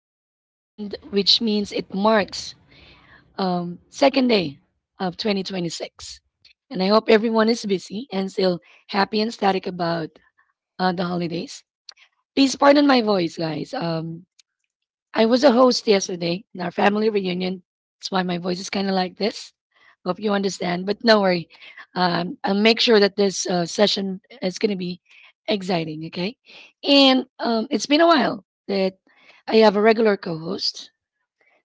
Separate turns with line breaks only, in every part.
January the 2nd, which means it marks second day of 2026. And I hope everyone is busy and still happy and static about the holidays. Please pardon my voice, guys. I was a host yesterday in our family reunion. That's why my voice is kind of like this. Hope you understand, but no worry. I'll make sure that this session is going to be exciting, okay? And it's been a while that I have a regular co host.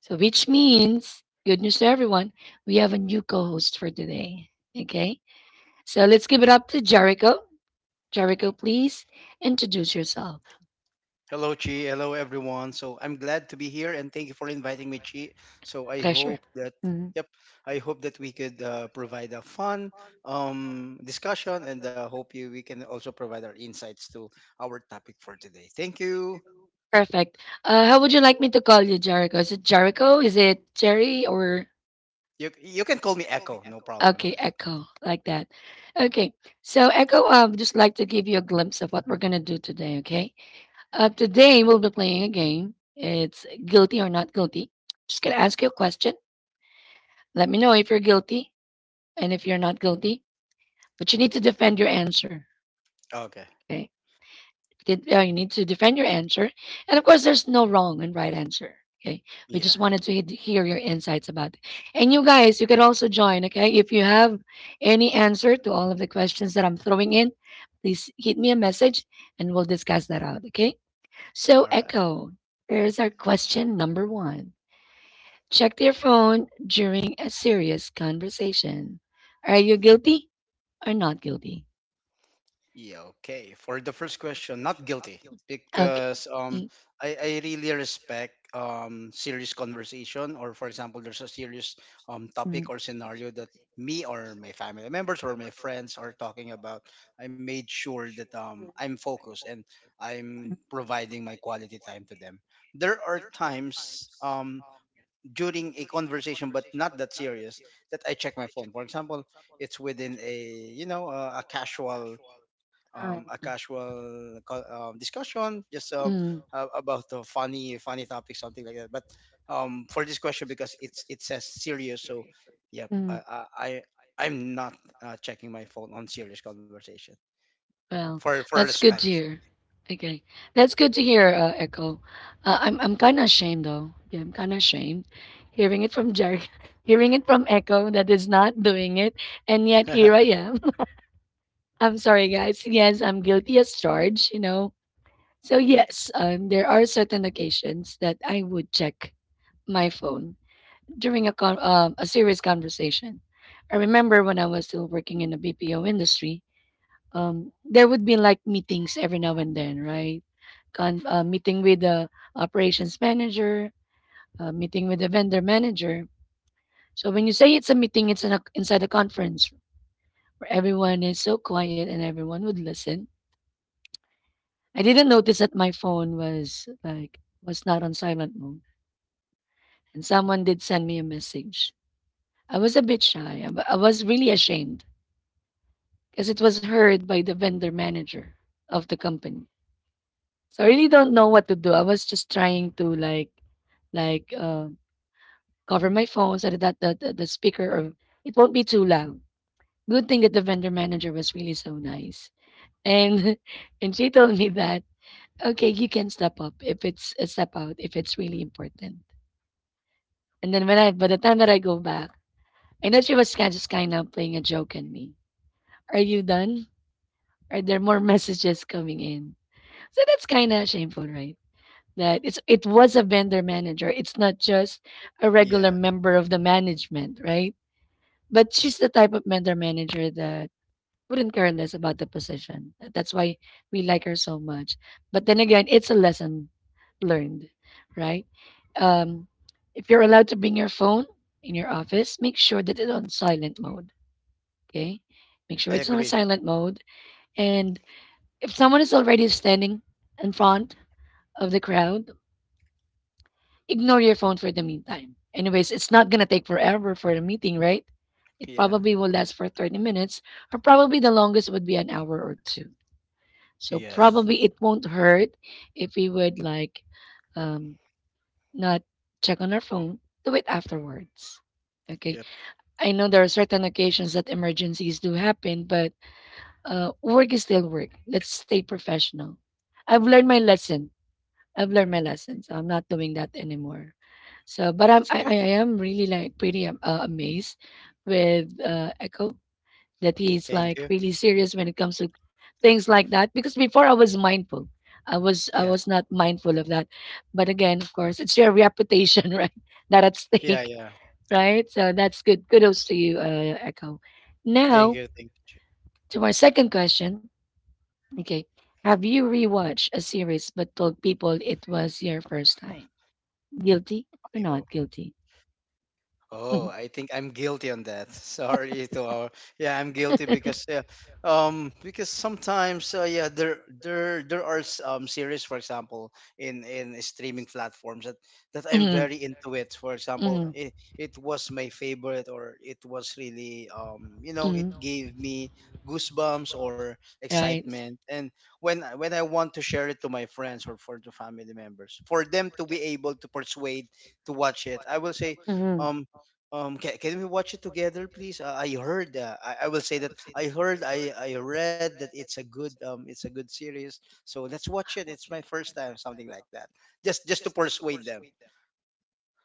So, which means, good news to everyone, we have a new co host for today, okay? So, let's give it up to Jericho. Jericho, please introduce yourself.
Hello, Chi. Hello, everyone. So I'm glad to be here, and thank you for inviting me, Chi. So I
Pleasure.
hope that yep, I hope that we could provide a fun discussion, and hope you we can also provide our insights to our topic for today. Thank you.
Perfect. How would you like me to call you, Jericho? Is it Jericho? Is it Jerry or
You can call me Echo, no problem on
okay,
that.
Echo, like that? Okay. So Echo, I would just like to give you a glimpse of what we're gonna do today. Okay. Today we'll be playing a game. It's guilty or not guilty. Just gonna ask you a question. Let me know if you're guilty and if you're not guilty. But you need to defend your answer.
Okay.
Okay. did you need to defend your answer, and of course there's no wrong and right answer, okay? We
Yeah.
just wanted to hear your insights about it. And you guys, you can also join, okay? If you have any answer to all of the questions that I'm throwing in, please hit me a message and we'll discuss that out, okay?
All
So
right.
Echo, here's our question number one. Check your phone during a serious conversation. Are you guilty or not guilty?
Yeah, okay. For the first question, not guilty
Okay.
because I really respect serious conversation, or for example there's a serious
Mm,
topic or scenario that me or my family members or my friends are talking about. I made sure that
mm,
I'm focused and I'm providing my quality time to them. There are times, during a conversation but not that serious, that I check my phone. For example, it's within a you know a casual co- discussion, just about the funny topic, something like that. But for this question, because it says serious, so yep, i
mm.
i, I i'm not checking my phone on serious conversation,
Well,
for
that's good
respect.
to hear. Okay, that's good to hear, Echo. I'm kind of ashamed though. Yeah, I'm kind of ashamed hearing it from Jerry, hearing it from Echo that is not doing it, and yet here I am. I'm sorry, guys. Yes, I'm guilty as charged. You know. So yes, there are certain occasions that I would check my phone during a a serious conversation. I remember when I was still working in the BPO industry, um, there would be like meetings every now and then, right? Meeting with the operations manager, meeting with the vendor manager. So when you say it's a meeting, it's inside a conference where everyone is so quiet and everyone would listen. I didn't notice that my phone was not on silent mode, and someone did send me a message. I was a bit shy. I was really ashamed because it was heard by the vendor manager of the company. So I really don't know what to do. I was just trying to like like um cover my phone so that the speaker or it won't be too loud. Good thing that the vendor manager was really so nice. And and she told me that okay, you can step out if it's really important. And then when I by the time that I go back, I know she was kind just kind of playing a joke on me. Are you done? Are there more messages coming in? So that's kind of shameful, right? that it's It was a vendor manager. It's not just a regular
Yeah.
member of the management, right? But she's the type of vendor manager that wouldn't care less about the position. That's why we like her so much. But then again, it's a lesson learned, right? Um, if you're allowed to bring your phone in your office, make sure that it's on silent mode. Okay, make sure
I
it's on
agree.
silent mode. And if someone is already standing in front of the crowd, ignore your phone for the meantime. Anyways, it's not going to take forever for the meeting, right? It
Yeah.
probably will last for 30 minutes, or probably the longest would be an hour or two. So
Yes.
probably it won't hurt if we would like um, not check on our phone. Do it afterwards. Okay.
Yep.
I know there are certain occasions that emergencies do happen, but work is still work. Let's stay professional. I've learned my lesson. I've learned my lesson, so I'm not doing that anymore. So, but
That's good.
I am really like pretty amazed with Echo that he's
Thank you.
like really serious when it comes to things like that. Because before I was mindful,
Yeah,
I was not mindful of that. But again, of course, it's your reputation, right? That at
yeah,
stake,
yeah.
right? So that's good. Kudos to you, Echo.
Thank
Now
you, thank you.
to our second question. Okay, have you rewatched a series but told people it was your first time? Guilty or
Jimmy.
not guilty?
Oh,
Mhm.
I think I'm guilty on that. Sorry to our Yeah, I'm guilty because, sometimes, there are, series, for example, in streaming platforms that I'm
Mhm.
very into it. For example,
Mhm.
it was my favorite, or it was really it
Mhm.
gave me goosebumps or
Right.
excitement, and when I want to share it to my friends, or for the family members, for them to be able to persuade to watch it, I will say.
Mm.
Um, can we watch it together, please? I heard. I will say that I heard. I read that it's a good series. So let's watch it. It's my first time, something like that. Just to persuade them.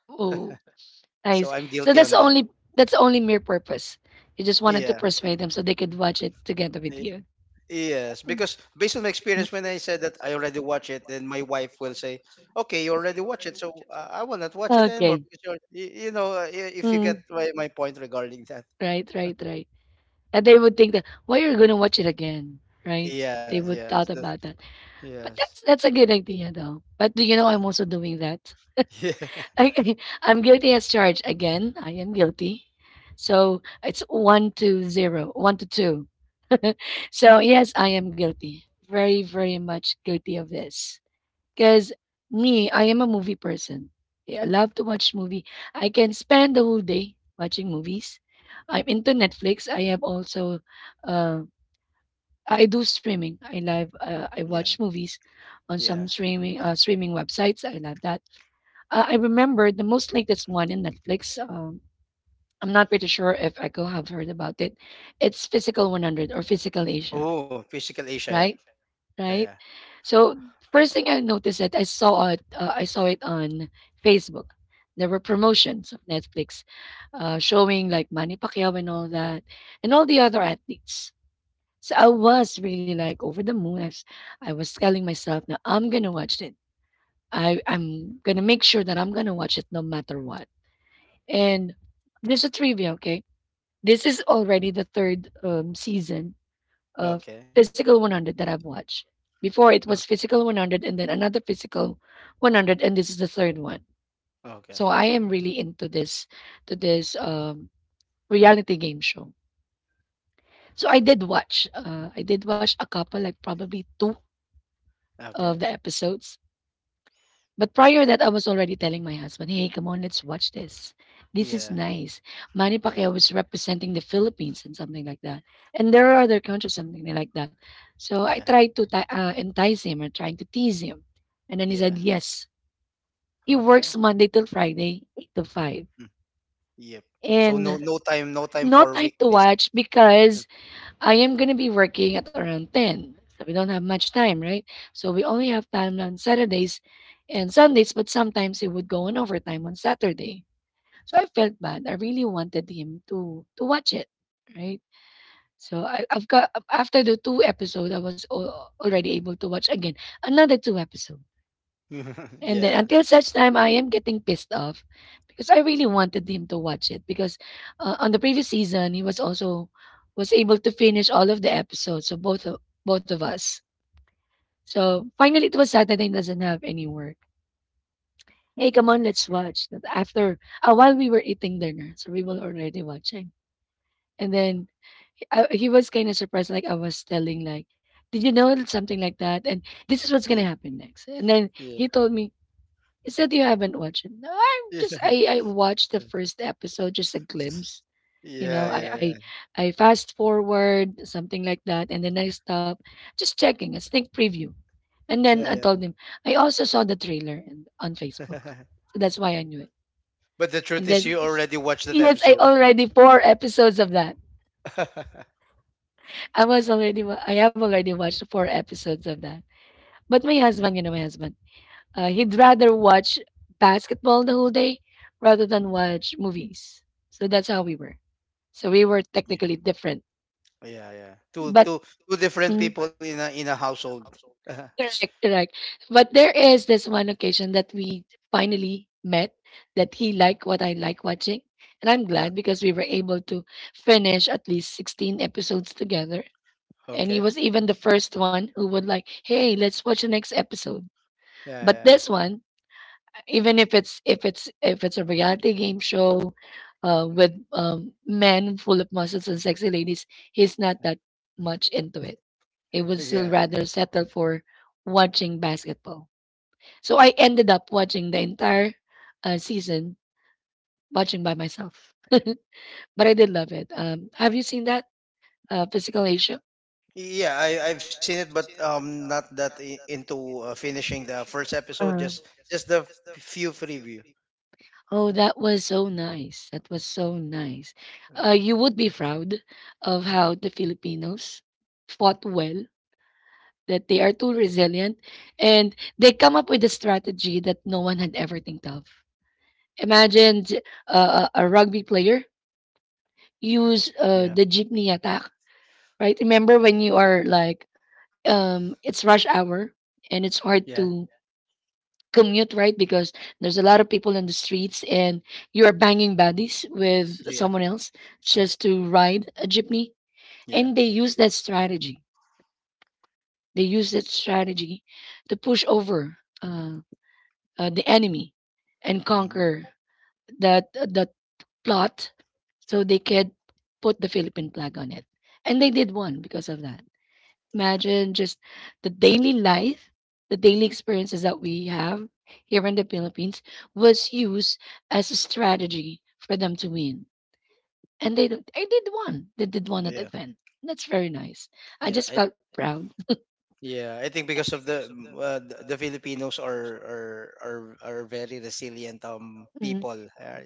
Oh, I
So
see.
I'm
So
guilty on that.
that's the only mere purpose. You just wanted to
Yeah.
persuade them so they could watch it together with
y-
you.
Yes, because based on my
Mm.
experience, when I said that I already watch it, then my wife will say, "Okay, you already watch it, so I will not watch it anymore."
Okay.
Because, you're, you know, I- if you get
Mm.
my point regarding that.
Right, right, right. And they would think that why you're gonna watch it again, right? They
Yes.
would
Yes.
thought
That's
about that. But
Yes.
that's a good idea though. But do you know I'm also doing that?
Yeah.
I, I I'm guilty as charged again. I am guilty. So it's one to zero, one to two. So yes, I am guilty. Very, very much guilty of this. Because me, I am a movie person. Yeah, I love to watch movie. I can spend the whole day watching movies. I'm into Netflix. I have also, uh, I do streaming. I live. I watch
Yeah.
movies on some
Yeah.
streaming websites. I love that. I remember the most latest one in Netflix. I'm not pretty sure if Echo have heard about it. It's Physical 100 or Physical Asia,
Oh, Physical Asia. Yep.
right?
Yeah.
Right.
Yeah.
So first thing I noticed that I saw it, I saw it on Facebook. There were promotions of Netflix showing like Manny Pacquiao and all that, and all the other athletes. So I was really like over the moon. I was telling myself, now I'm gonna watch this. I'm gonna make sure that I'm gonna watch it no matter what. And there's a trivia, okay? This is already the third season of
Okay.
Physical 100 that I've watched. Before it was
Okay.
Physical 100, and then another Physical 100, and this is the third one.
Okay.
So I am really into this to this reality game show. So I did watch. I did watch a couple, like probably two
Okay.
of the episodes. But prior that, I was already telling my husband, "Hey, come on, let's watch this. This is
Yeah.
nice." Manny
Yeah.
Pacquiao was representing the Philippines and something like that, and there are other countries something like that. So
Yeah.
I tried to entice him or trying to tease him, and then he
Yeah.
said yes. He
Okay.
works Monday till Friday, eight to five,
Mm. Yep. So no
and
no time no time
no
for
time to
weekdays.
watch because I am going to be working at around 10. So we don't have much time, right? So we only have time on Saturdays and Sundays, but sometimes it would go on overtime on Saturday. So I felt bad. I really wanted him to watch it, right? So I've got after the two episodes, I was already able to watch again another two episodes. And then
Yeah.
until such time, I am getting pissed off because I really wanted him to watch it because on the previous season he was also was able to finish all of the episodes of both of us. So finally, it was Saturday and doesn't have any work. Hey, come on, let's watch. But after while we were eating dinner, so we were already watching. And then he was kind of surprised, like I was telling, like, did you know something like that? And this is what's gonna
Yeah.
happen next. And then
Yeah.
he told me, it's that you haven't watched it. No, I'm
Yeah.
just I watched the first episode, just a glimpse. You know,
Yeah. Yeah. Yeah.
I fast forward something like that, and then I stop, just checking a sneak preview. And then I
Yeah.
told him I also saw the trailer and on Facebook,
Yeah.
so that's why I knew it.
But the
And
truth is,
then
you already watched that
yes, I
episode.
already four episodes of that. I was I have already watched four episodes of that. But my husband, you know, my husband. He'd rather watch basketball the whole day rather than watch movies. So that's how we were. So we were
Yeah.
technically different,
Yeah. Yeah.
but
Two different
mm,
people
correct,
in a household.
correct. But there is this one occasion that we finally met that he liked what I like watching, and I'm glad
Yeah.
because we were able to finish at least 16 episodes together. And he
Okay.
was even the first one who would like, hey, let's watch the next episode. But
Yeah.
this one, even if it's a reality game show with men full of muscles and sexy ladies, he's not that much into it. He
Yeah.
would still
Yeah.
rather settle for watching basketball. So I ended up watching the entire season watching by myself, but I did love it. Have you seen that Physical Asia?
Yeah, I've seen it, but not that into, finishing the first episode. Just few preview.
Oh, that was so nice. That was so nice. You
Okay.
would be proud of how the Filipinos fought well that they are too resilient and they come up with a strategy that no one had ever think of. Imagine a rugby player use the
Yeah,
jeepney attack, right? Remember when you are like, it's rush hour and it's
yeah,
hard to commute, right? Because there's a lot of people in the streets and you are banging bodies with
yeah,
someone else just to ride a jeepney. And
yeah,
they use that strategy. They use that strategy to push over the enemy and
mm,
conquer that plot so they could put the Philippine flag on it. And they did one because of that.
yeah,
Imagine just the daily life, the daily experiences that we have here in the Philippines was used as a strategy for them to win. And they did one. They did one at the
yeah,
event. That's very nice. I
yeah.
just
I
felt proud.
Yeah, I think because of the, the Filipinos are are are are very resilient people.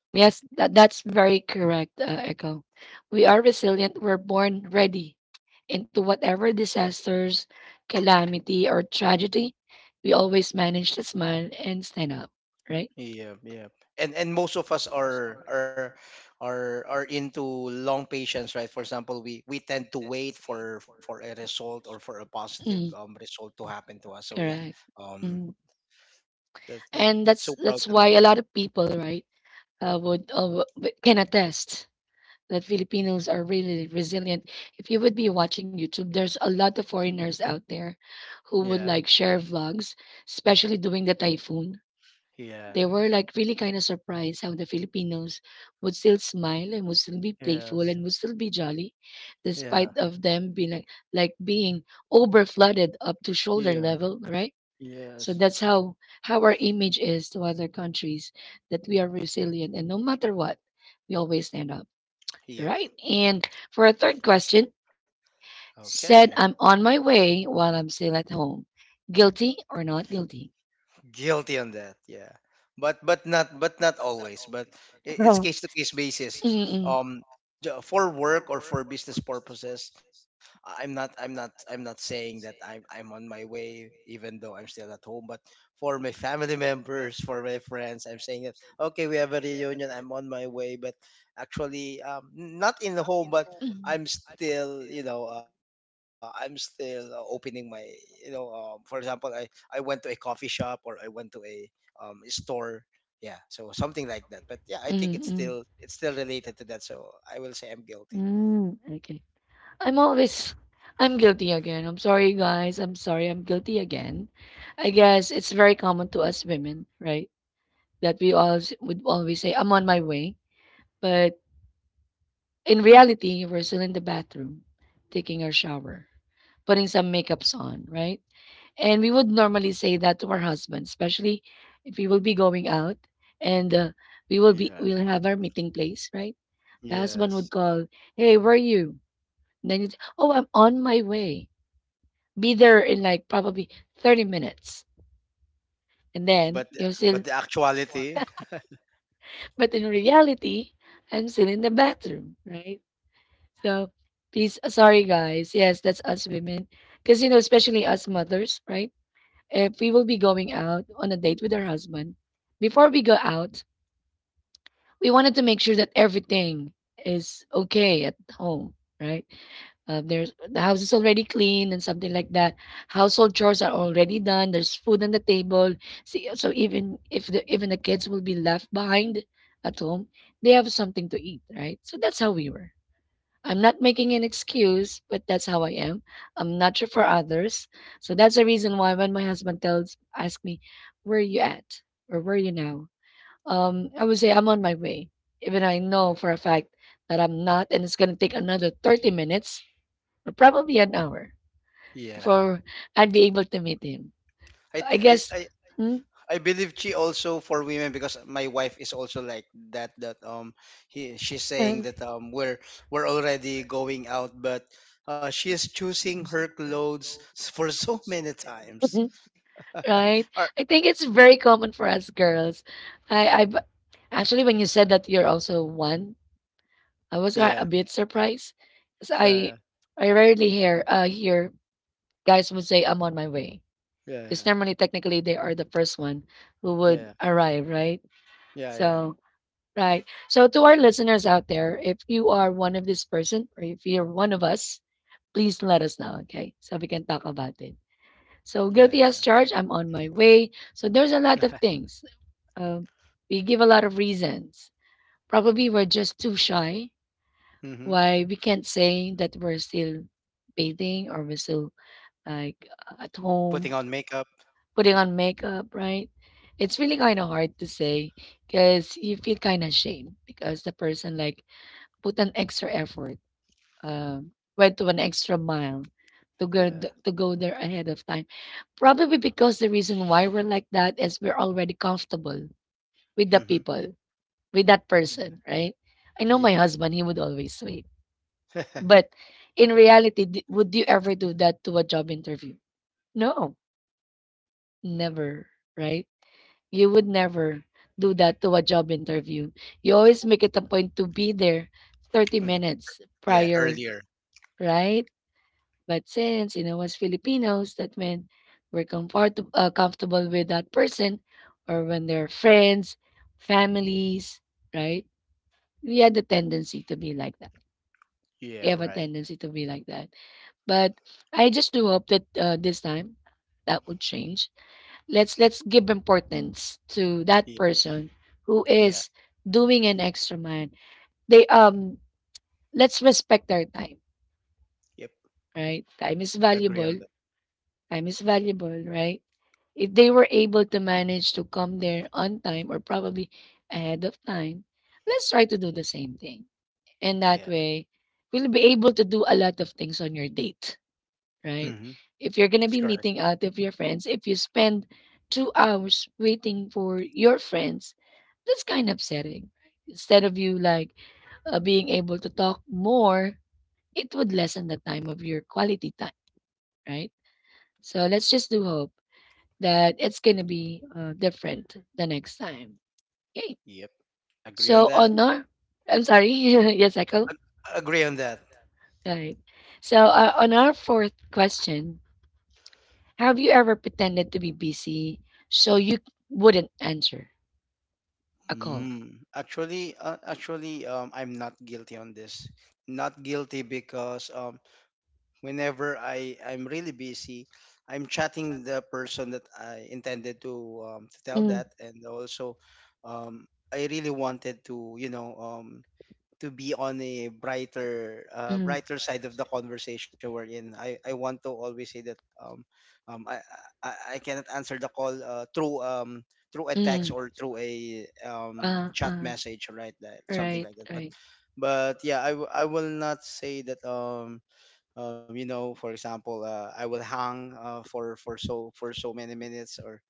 Yes, that's very correct, Echo. We are resilient. We're born ready into whatever disasters, calamity, or tragedy. We always manage to smile and stand up, right?
Yeah, yeah. And most of us are into long patience, right? For example, we tend to wait for a result, or for a positive
Mm,
result to happen to us. So yeah,
correct.
um,
Mm. And
that's so
that's
proud
that's
to
why
know.
a lot of people, right, uh, would uh, w- can attest that Filipinos are really resilient. If you would be watching YouTube, there's a lot of foreigners out there who would
Yeah,
like share vlogs, especially during the typhoon.
yeah,
They were like really kind of surprised how the Filipinos would still smile and would still be playful
yes,
and would still be jolly,
yeah,
despite of them being like being over flooded up to shoulder
yeah,
level, right? So
yes,
that's how our image is to other countries that we are resilient and no matter what, we always stand up,
yep.
right? And for a third question,
Okay.
said I'm on my way while I'm still at home, guilty or not guilty?
Guilty on that, yeah. But not always, it's case to case basis.
Mm-mm.
um for work or for business purposes, I- I'm not I'm not I'm not saying that I'm on my way even though I'm still at home, but for my family members, for my friends, I'm saying that, okay, we have a reunion, I'm on my way, but actually, not in the home, but I'm still opening my, you know for example, I went to a coffee shop, or I went to a, store. Yeah, so something like that. But yeah, I think
Mm, mm,
it's still related to that. So I will say I'm guilty.
mm, okay. I'm always, I'm guilty again. I'm sorry, guys. I'm sorry. I'm guilty again. I guess it's very common to us women, right? That we all would always say, I'm on my way. But in reality, we're still in the bathroom, taking our shower, putting some makeups on, right? And we would normally say that to our husband, especially if we will be going out and we will be
Yeah.
we'll have our meeting place, right? The husband
Yes.
would call, "Hey, where are you?" And then you'd, "Oh, I'm on my way. Be there in like probably 30 minutes." And then
But the-
you're still,
but the actuality.
But in reality, I'm still in the bathroom, right? So please, sorry guys. Yes, that's us women. Because, you know, especially us mothers, right? If we will be going out on a date with our husband, before we go out, we wanted to make sure that everything is okay at home, right? There's the house is already clean and something like that. Household chores are already done. There's food on the table. See, so even if even the kids will be left behind at home, they have something to eat, right? So that's how we were. I'm not making an excuse, but that's how I am. I'm not sure for others. So that's the reason why when my husband tells ask me, "Where are you at?" or "Where are you now?" I would say I'm on my way, even I know for a fact that I'm not, and it's gonna take another 30 minutes or probably an hour
Yeah.
before I'd be able to meet him.
I
I
th-
guess. Hmm?
I believe she also for women, because my wife is also like that, that he she's
Uh,
saying that we're already going out, but she is choosing her clothes, for so many times.
right?
Or-
I think it's very common for us girls. I, I b- Actually when you said that you're also one, I was a
Yeah.
bit surprised 'cause I
Yeah.
I rarely hear guys would say, I'm on my way. Because
Yeah,
normally, technically, they are the first one who would
yeah,
arrive, right?
yeah, yeah,
So, right. So, to our listeners out there, if you are one of this person or if you're one of us, please let us know, okay? So we can talk about it. So,
yeah,
guilty as charged, I'm on my way. So, there's a
yeah.
lot of things. Um, we give a lot of reasons. Probably we're just too shy
Hmm.
why we can't say that we're still bathing or we're still like at
Putting on
home
makeup.
putting on makeup, right? It's really kind of hard to say because you feel kind of ashamed because the person like put an extra effort, um, went to an extra mile to go
Yeah.
to go there ahead of time. Probably because the reason why we're like that is we're already comfortable with the
Hmm.
people, with that
Yeah.
person, right? I know my
Yeah.
husband; he would always wait, but in reality, would you ever do that to a job interview? No, never, right? You would never do that to a job interview. You always make it a point to be there 30
Mm.
minutes
Yeah.
prior,
Earlier.
right? But since, you know, as Filipinos, that meant we're comfortable with that person or when they're friends, families, right? We had the tendency to be like that.
Yeah.
We have a
Right.
tendency to be like that. But I just do hope that this time that would change. Let's give importance to
Yeah.
that person who
Yeah.
is doing an extra mile. They, um, let's respect their time,
Yep.
right? Time is
Agree on
valuable.
that.
Time is valuable, right? If they were able to manage to come there on time or probably ahead of time, let's try to do the same thing, and that
Yeah.
way we'll be able to do a lot of things on your date, right?
Hmm.
If you're
That's
gonna be
correct.
meeting out of your friends, if you spend 2 hours waiting for your friends, that's kind of upsetting, right? Instead of you like being able to talk more, it would lessen the time of your quality time, right? So let's just do hope that it's gonna be different the next time. Okay.
Yep. Agree on
So
that.
on our, I'm sorry, yes, Echo.
Agree on that.
All right. So on our fourth question, have you ever pretended to be busy so you wouldn't answer a call?
Mm. Actually, I'm not guilty on this. Not guilty because, whenever I'm really busy, I'm chatting the person that I intended to, to tell
Mm,
that, and also, um, I really wanted to, to be on a brighter,
mm,
brighter side of the conversation we're in. I want to always say that, um, I, I cannot answer the call, through, through a text,
mm.
or through a,
Uh,
chat
uh,
message, right? That something
right,
like that, but.
right.
But yeah, I will not say that, for example, I will hang, for so many minutes, or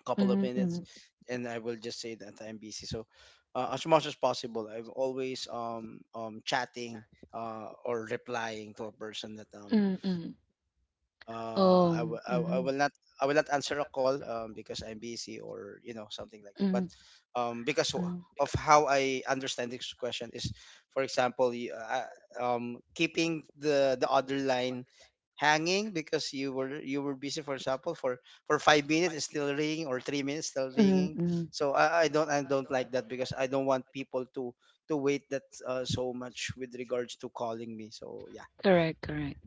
a couple of
Mm,
minutes,
mm,
and I will just say that I'm busy. So as much as possible, I'm always, chatting, or replying to a person that,
mm, mm.
I, w- I will not,
Oh, mm,
answer a call, because I'm busy, or you know something like that. But,
mm,
because
mm.
of how I understand this question is, for example, you, keeping the other line hanging because you were busy. For example, for 5 minutes it's still ringing, or 3 minutes still ringing.
Mm-mm.
So I don't like that, because I don't want people to wait that, so much, with regards to calling me. So yeah.
Correct, correct.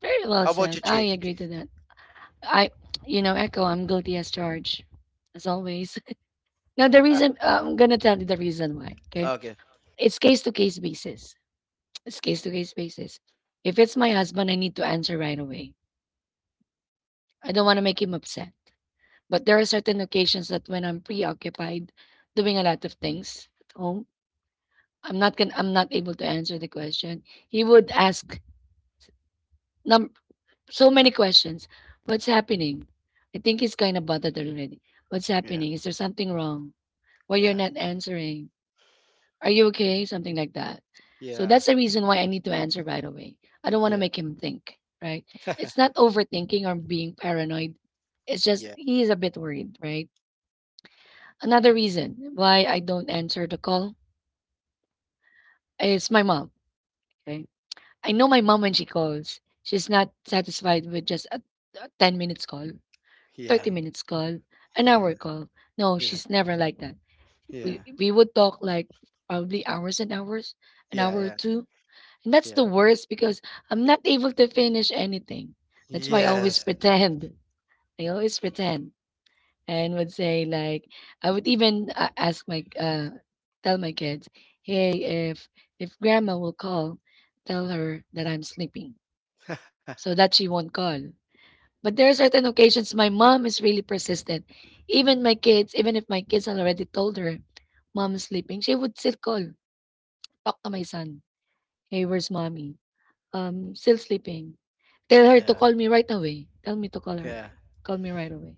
Very well
How about
said.
you,
I
Chi?
agree to that. I, you know, Echo, I'm guilty as charged, as always. Now, the reason, I'm going to tell you the reason why, okay?
Okay.
It's case to case basis. It's case to case basis. If it's my husband, I need to answer right away. I don't want to make him upset. But there are certain occasions that when I'm preoccupied doing a lot of things at home, I'm not able to answer the question. He would ask num- so many questions. What's happening? I think he's kind of bothered already. What's happening? Is
Yeah.
there something wrong? Why you're not
Yeah.
answering? Are you okay? Something like that. So that's the
Yeah.
reason why I need to answer right away. I don't want to make
Yeah.
him think, right? It's not overthinking or being paranoid. It's just he is a bit worried, right? Another reason why I don't answer the call is my mom. Okay. I know my mom when she calls, she's not satisfied with just a 10 minutes call, 30
Yeah.
minutes call, an hour
Yeah.
call. No, she's
Yeah.
never like that. we
Yeah.
we would talk like probably hours and hours, an hour
Yeah.
or
Yeah. Yeah.
two, and that's the
Yeah.
worst because I'm not able to finish anything. That's why I always
Yes.
pretend. I always pretend and would say like I would even ask my tell my kids, "Hey, if grandma will call, tell her that I'm sleeping so that she won't call." But there are certain occasions my mom is really persistent. Even my kids, even if my kids had already told her, "Mom is sleeping," she would still call, talk to my son, "Hey, where's mommy?" Still sleeping. Tell her to
Yeah.
call me right away. Tell me to call her
Yeah.
right Call me right away.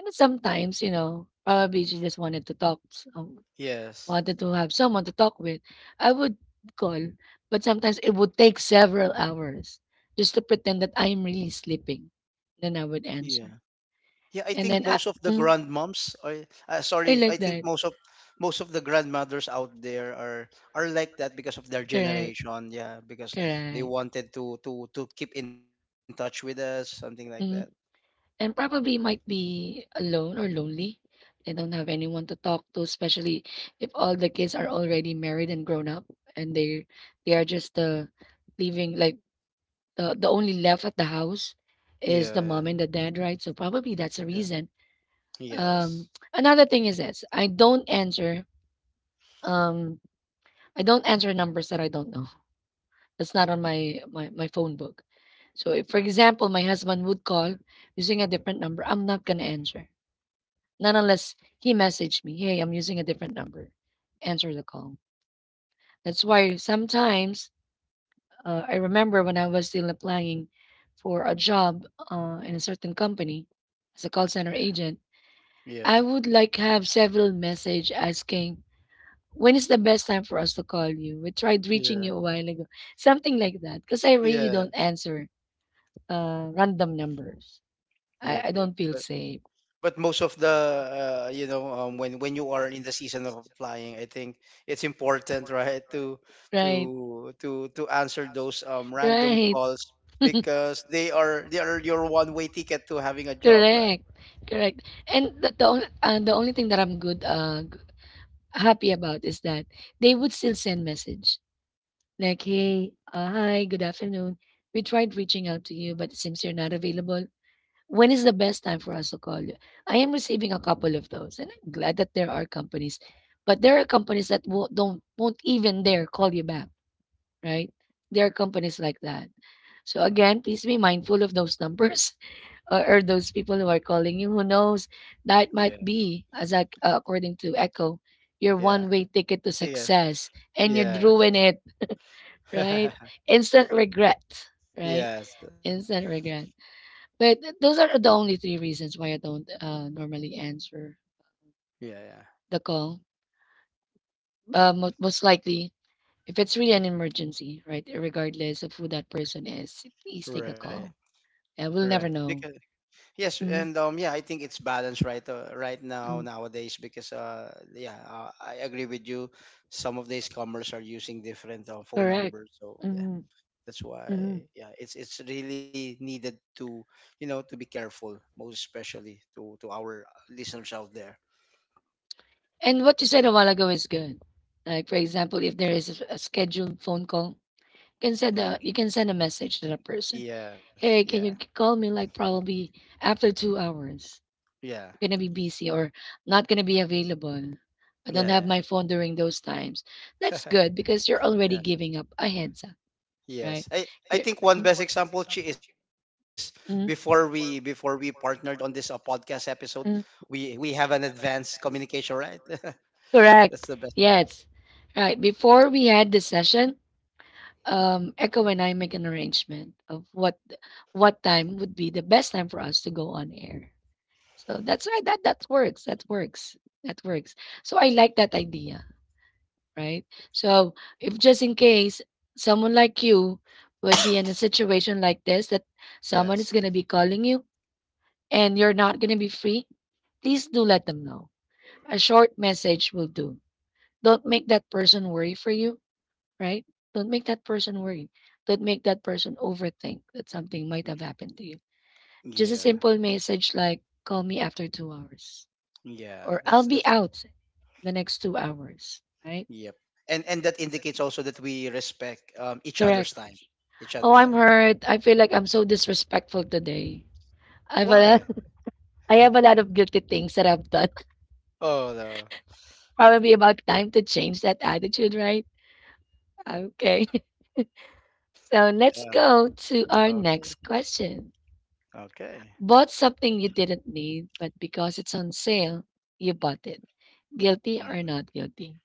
And then sometimes, you know, probably she just wanted to talk,
Yes.
wanted to have someone to talk with. I would call, but sometimes it would take several hours just to pretend that I'm really sleeping. Then I would answer.
Yeah. Yeah. I
And
think
then I,
most of the
mm,
grandmoms, or
I
sorry,
like
I think
that.
most of the grandmothers out there are like that, because of their
Correct.
generation. Yeah. Because they
Correct.
wanted to keep in touch with us, something like that.
Mm-hmm. And probably might be alone or lonely. They don't have anyone to talk to, especially if all the kids are already married and grown up and they are just leaving like the only left at the house
Yeah.
is the
Yeah.
mom and the dad, right? So probably that's a
Yeah.
reason.
Yes.
Another thing is this. Um I don't answer numbers that I don't know. That's not on my phone book. So if for example my husband would call using a different number, I'm not gonna answer. Not unless he messaged me, "Hey, I'm using a different number. Answer the call." That's why sometimes I remember when I was still applying for a job in a certain company as a call center
Yeah.
agent,
Yeah.
I would like have several message asking, "When is the best time for us to call you? We tried reaching
Yeah.
you a while ago." Something like that, because I really
Yeah.
don't answer random numbers.
Yep,
I
yep.
don't
But,
feel safe,
most of the, when you are in the season of applying, I think it's important, right,
right?
to answer those, random
Right.
calls, because they are your one-way ticket to having a job, right?
Correct. Correct. And the only thing that I'm good happy about is that they would still send message like, "Hey, hi, good afternoon. We tried reaching out to you, but it seems you're not available. When is the best time for us to call you?" I am receiving a couple of those, and I'm glad that there are companies, but there are companies that won't even dare call you back, right? There are companies like that. So again, please be mindful of those numbers or those people who are calling you who knows that
Yeah,
might be as according to Echo your
yeah,
one way ticket to
yeah,
success and you'd
yes,
ruin it, right? Instant regret, right,
yes,
instant regret. But those are the only three reasons why I don't normally answer
yeah, yeah.
the call. Most likely if it's really an emergency, right, regardless of who that person is, please take the
Right,
call and we'll
right.
never
Because
know.
Yes, and,
Mhm.
yeah, I think it's balanced, right now, nowadays, because, I agree with you. Some of these commerce are using different, phone
Correct.
numbers, so yeah,
Mhm,
that's
mhm.
why, yeah, it's really needed, to you know to be careful, most especially, to our listeners out there.
And what you said a while ago is good. Like for example, if there is a scheduled phone call, you can send a
Yeah,
you can send a message to that person.
yeah,
Hey,
yeah,
can you call me like probably after 2 hours?
yeah,
I'm gonna be busy or not gonna be available. I don't have
yeah,
my phone during those times. That's
yeah,
good because you're already
yeah.
giving up a heads up,
Yes.
right?
I
You're,
think one best example, Chi, is, before we partnered on this, podcast episode, we have an advanced communication, right? That's the
correct.
best.
Yes. Right. Before we had this session, Echo and I make an arrangement of what time would be the best time for us to go on air. So that's right. That that works. That works. That works. So I like that idea. Right. So if just in case someone like you would be in a situation like this that someone
Yes.
is gonna be calling you and you're not gonna be free, please do let them know. A short message will do. Don't make that person worry for you, right? Don't make that person worry. Don't make that person overthink that something might have happened to you. Just a
Yeah.
simple message like, call me after 2 hours,
Yeah.
or I'll
That's
be out the next 2 hours, right?
yep. And that indicates also that we respect, each other's
Correct.
time. Each
Oh,
other's
I'm
time.
hurt. I feel like I'm so disrespectful today. I've a
Why?
lot, I have a lot of guilty things that I've done.
Oh no.
Probably about time to change that attitude, right? Okay. So let's
Yeah.
go to our next
Okay.
question.
Okay.
Bought something you didn't need, but because it's on sale, you bought it. Guilty or
Mm-hmm.
not guilty?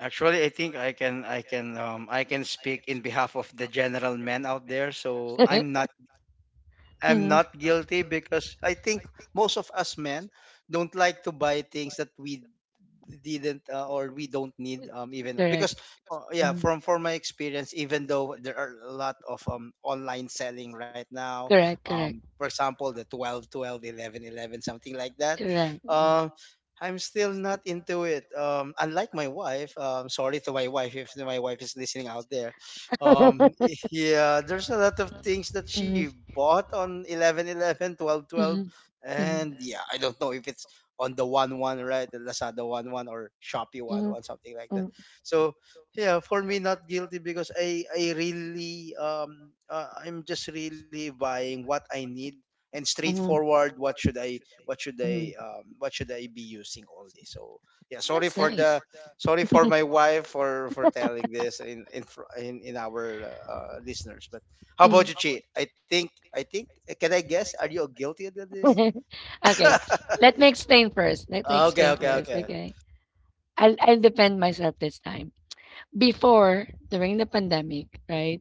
Actually, I think I can, I can speak in behalf of the general men out there. So I'm not guilty,
I'm
because I think most of us men don't like to buy things that we didn't, or we don't need, even because, yeah, from my experience. Even though there are a lot of, online selling
are
right now, for example, the 12.12 11.11, something like that,
11, 11, 12,
um I'm still not into it. Unlike my wife, sorry to my wife if my wife is listening out there. Um, yeah, there's a lot of things that she bought on 11/11 12/12
mm-hmm.
and yeah, I don't know if it's on the one one, right, the lazada one one or shopee one one something like that. So yeah, for me, not guilty because I really I'm just really buying what I need and straightforward. What should I be using all this. So yeah, sorry for my wife for telling this in our listeners. But how about
Mm.
you, Chi? I think can I guess, are you guilty of this?
Okay, let me explain first. Let me
Oh, okay,
explain, ah,
okay,
first.
okay.
Okay, I'll defend myself this time. Before, during the pandemic, right?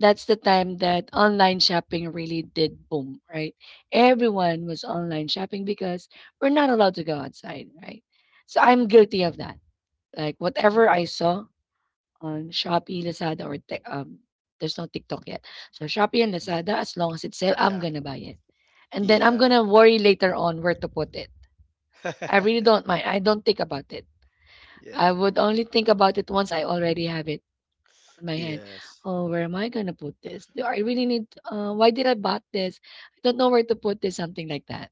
That's the time that online shopping really did boom, right? Everyone was online shopping because we're not allowed to go outside, right? So I'm guilty of that. Like whatever I saw on Shopee, Lazada, or there's no TikTok yet. So Shopee and
Yeah,
Lazada, as long as it's sale,
yeah,
I'm gonna buy it and then
yeah,
I'm gonna worry later on where to put it. I really don't mind. I don't think about it. I
yeah,
would only think about it once I already have it on my hand.
yes,
Oh, where am I gonna put this? Do I really need? Why did I bought this? I don't know where to put this. Something like that.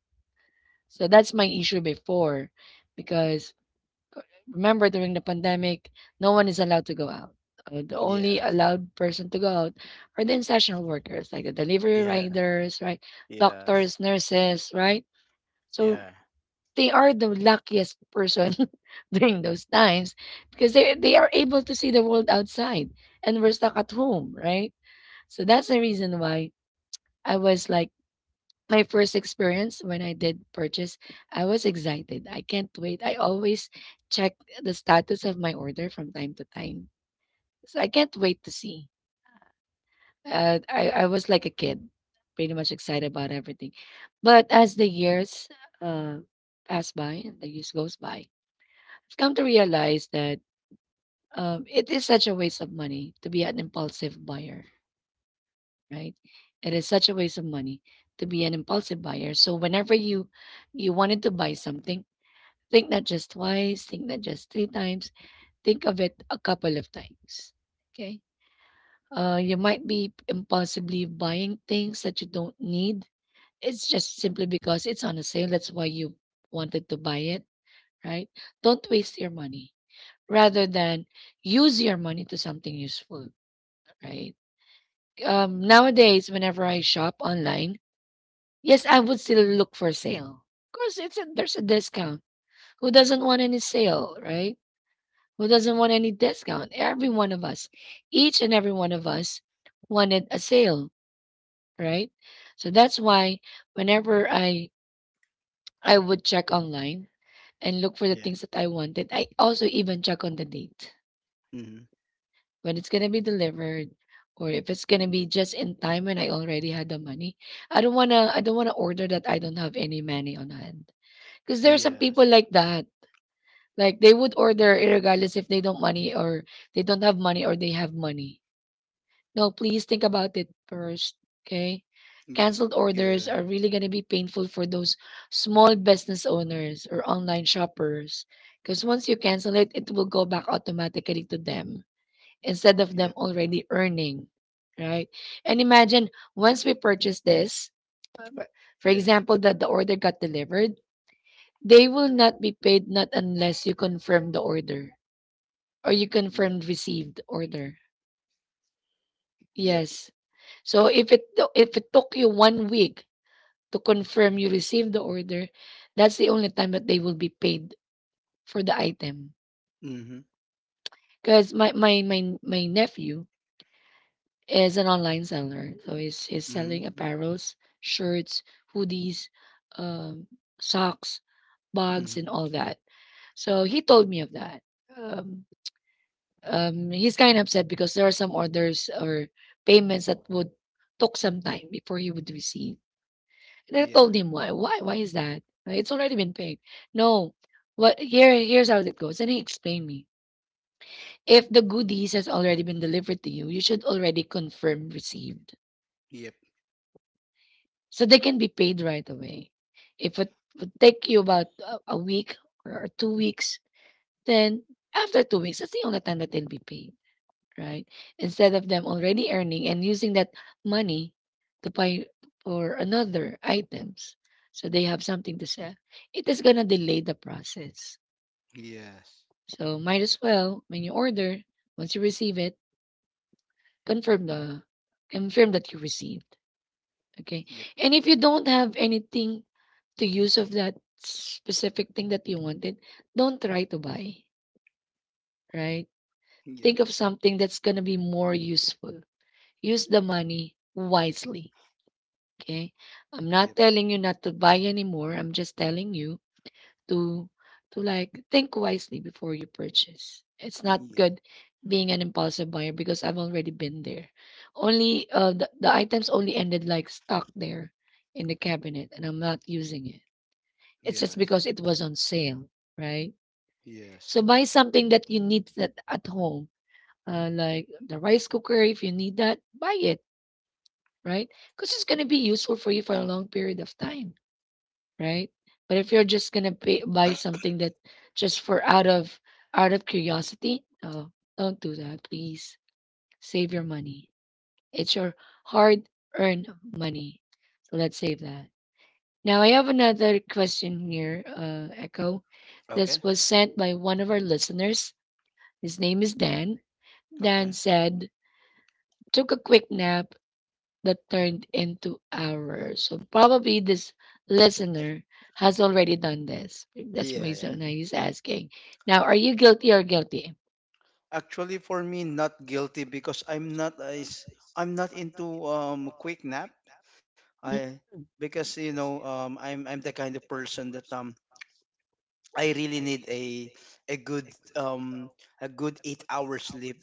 So that's my issue before, because remember during the pandemic, no one is allowed to go out. The only
yes,
allowed person to go out are the essential workers, like the delivery
yeah,
riders, right?
yes,
Doctors, nurses, right?
yeah,
So they are the luckiest person during those times because they are able to see the world outside and we're stuck at home, right? So that's the reason why I was like my first experience when I did purchase, I was excited. I can't wait. I always check the status of my order from time to time. So I can't wait to see. I was like a kid, pretty much excited about everything. But as the years uh, pass by, and the years goes by, I've come to realize that it is such a waste of money to be an impulsive buyer, right? It is such a waste of money to be an impulsive buyer. So whenever you wanted to buy something, think not just twice, think not just three times, think of it a couple of times. Okay. You might be impulsively buying things that you don't need. It's just simply because it's on a sale. That's why you wanted to buy it, right? Don't waste your money rather than use your money to something useful, right? Nowadays, whenever I shop online, yes, I would still look for sale. Of course, it's there's a discount. Who doesn't want any sale, right? Who doesn't want any discount? Every one of us, each and every one of us, wanted a sale, right? So that's why whenever I would check online and look for the
yeah,
things that I wanted, I also even check on the date
mm-hmm.
when it's gonna be delivered or if it's gonna be just in time when I already had the money. I don't wanna order that I don't have any money on hand. Because there are some
Yes,
people like that. Like they would order regardless if they don't have money or they have money. No, please think about it first. Okay.
yeah,
Cancelled orders are really gonna be painful for those small business owners or online shoppers. Because once you cancel it, it will go back automatically to them instead
yep,
of them already earning, right? And imagine once we purchase this, for for
yeah,
example, that the order got delivered, they will not be paid not unless you confirm the order or you
yep,
confirmed received order.
yep,
Yes. So if it took you 1 week to confirm you received the order, that's the only time that they will be paid for the item.
mm-hmm,
Because my nephew, is an online seller. So he's selling
mm-hmm,
apparels, shirts, hoodies, um, socks,
mm-hmm.
bags, and all that. So he told me of that. Um, he's kind of upset because there are some orders or payments that would took some time before he would receive. And I
Yeah,
told him why. Why? Why is that? It's already been paid. No. What here? Here's how it goes. And he explained me. If the goodies has already been delivered to you, you should already confirm received.
yep,
So they can be paid right away. If it would take you about a week or 2 weeks, then after 2 weeks, that's the only time that they'll be paid, right? Instead of them already earning and using that money to buy for another items, so they have something to sell, it is gonna delay the process.
yes,
So might as well when you order, once you receive it, confirm the confirm that you receive. Okay.
yep,
And if you don't have anything to use of that specific thing that you wanted, don't try to buy, right?
yep,
Think of something that's going to be more useful. Use the money wisely. Okay. I'm
yep,
not telling you not to buy anymore. I'm just telling you to to like think wisely before you purchase. It's not
yeah,
good being an impulsive buyer because I've already been there. Only the items only ended like stuck there in the cabinet and I'm not using it. It's just
yes,
because it was on sale, right? So
yes.
buy something that you need that at home, like the rice cooker. If you need that, buy it, right? Because it's gonna be useful for you for a long period of time, right? But if you're just gonna pay, buy
Uh,
something that just for out of curiosity, oh, don't do that, please. Save your money. It's your hard-earned money, so let's save that. Now I have another question here, Echo.
okay,
This was sent by one of our listeners. His name is Dan. Dan
okay.
said, took a quick nap that turned into hours. So probably this listener has already done this. That's my
Yeah, yeah.
son. He's asking. Now, are you guilty or guilty?
Actually, for me, not guilty because I'm not into quick nap. I,
Mm,
because you know, I'm the kind of person that I really need a good um a good 8 hours sleep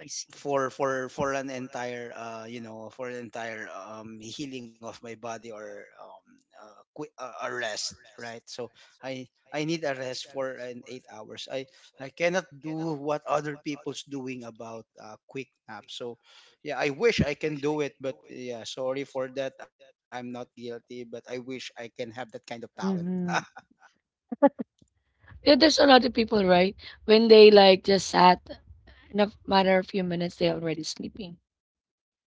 I see.
for an entire you know, for an entire healing of my body, or a rest, right? So i I need a rest for an 8 hours. I I cannot do what other people's doing about quick nap. So yeah, I wish I can do it, but yeah, sorry for that. I'm not guilty, but I wish I can have that kind of talent.
Mm-hmm. Yeah, there's a lot of people, right? When they like just sat in a matter of few minutes, they're already sleeping.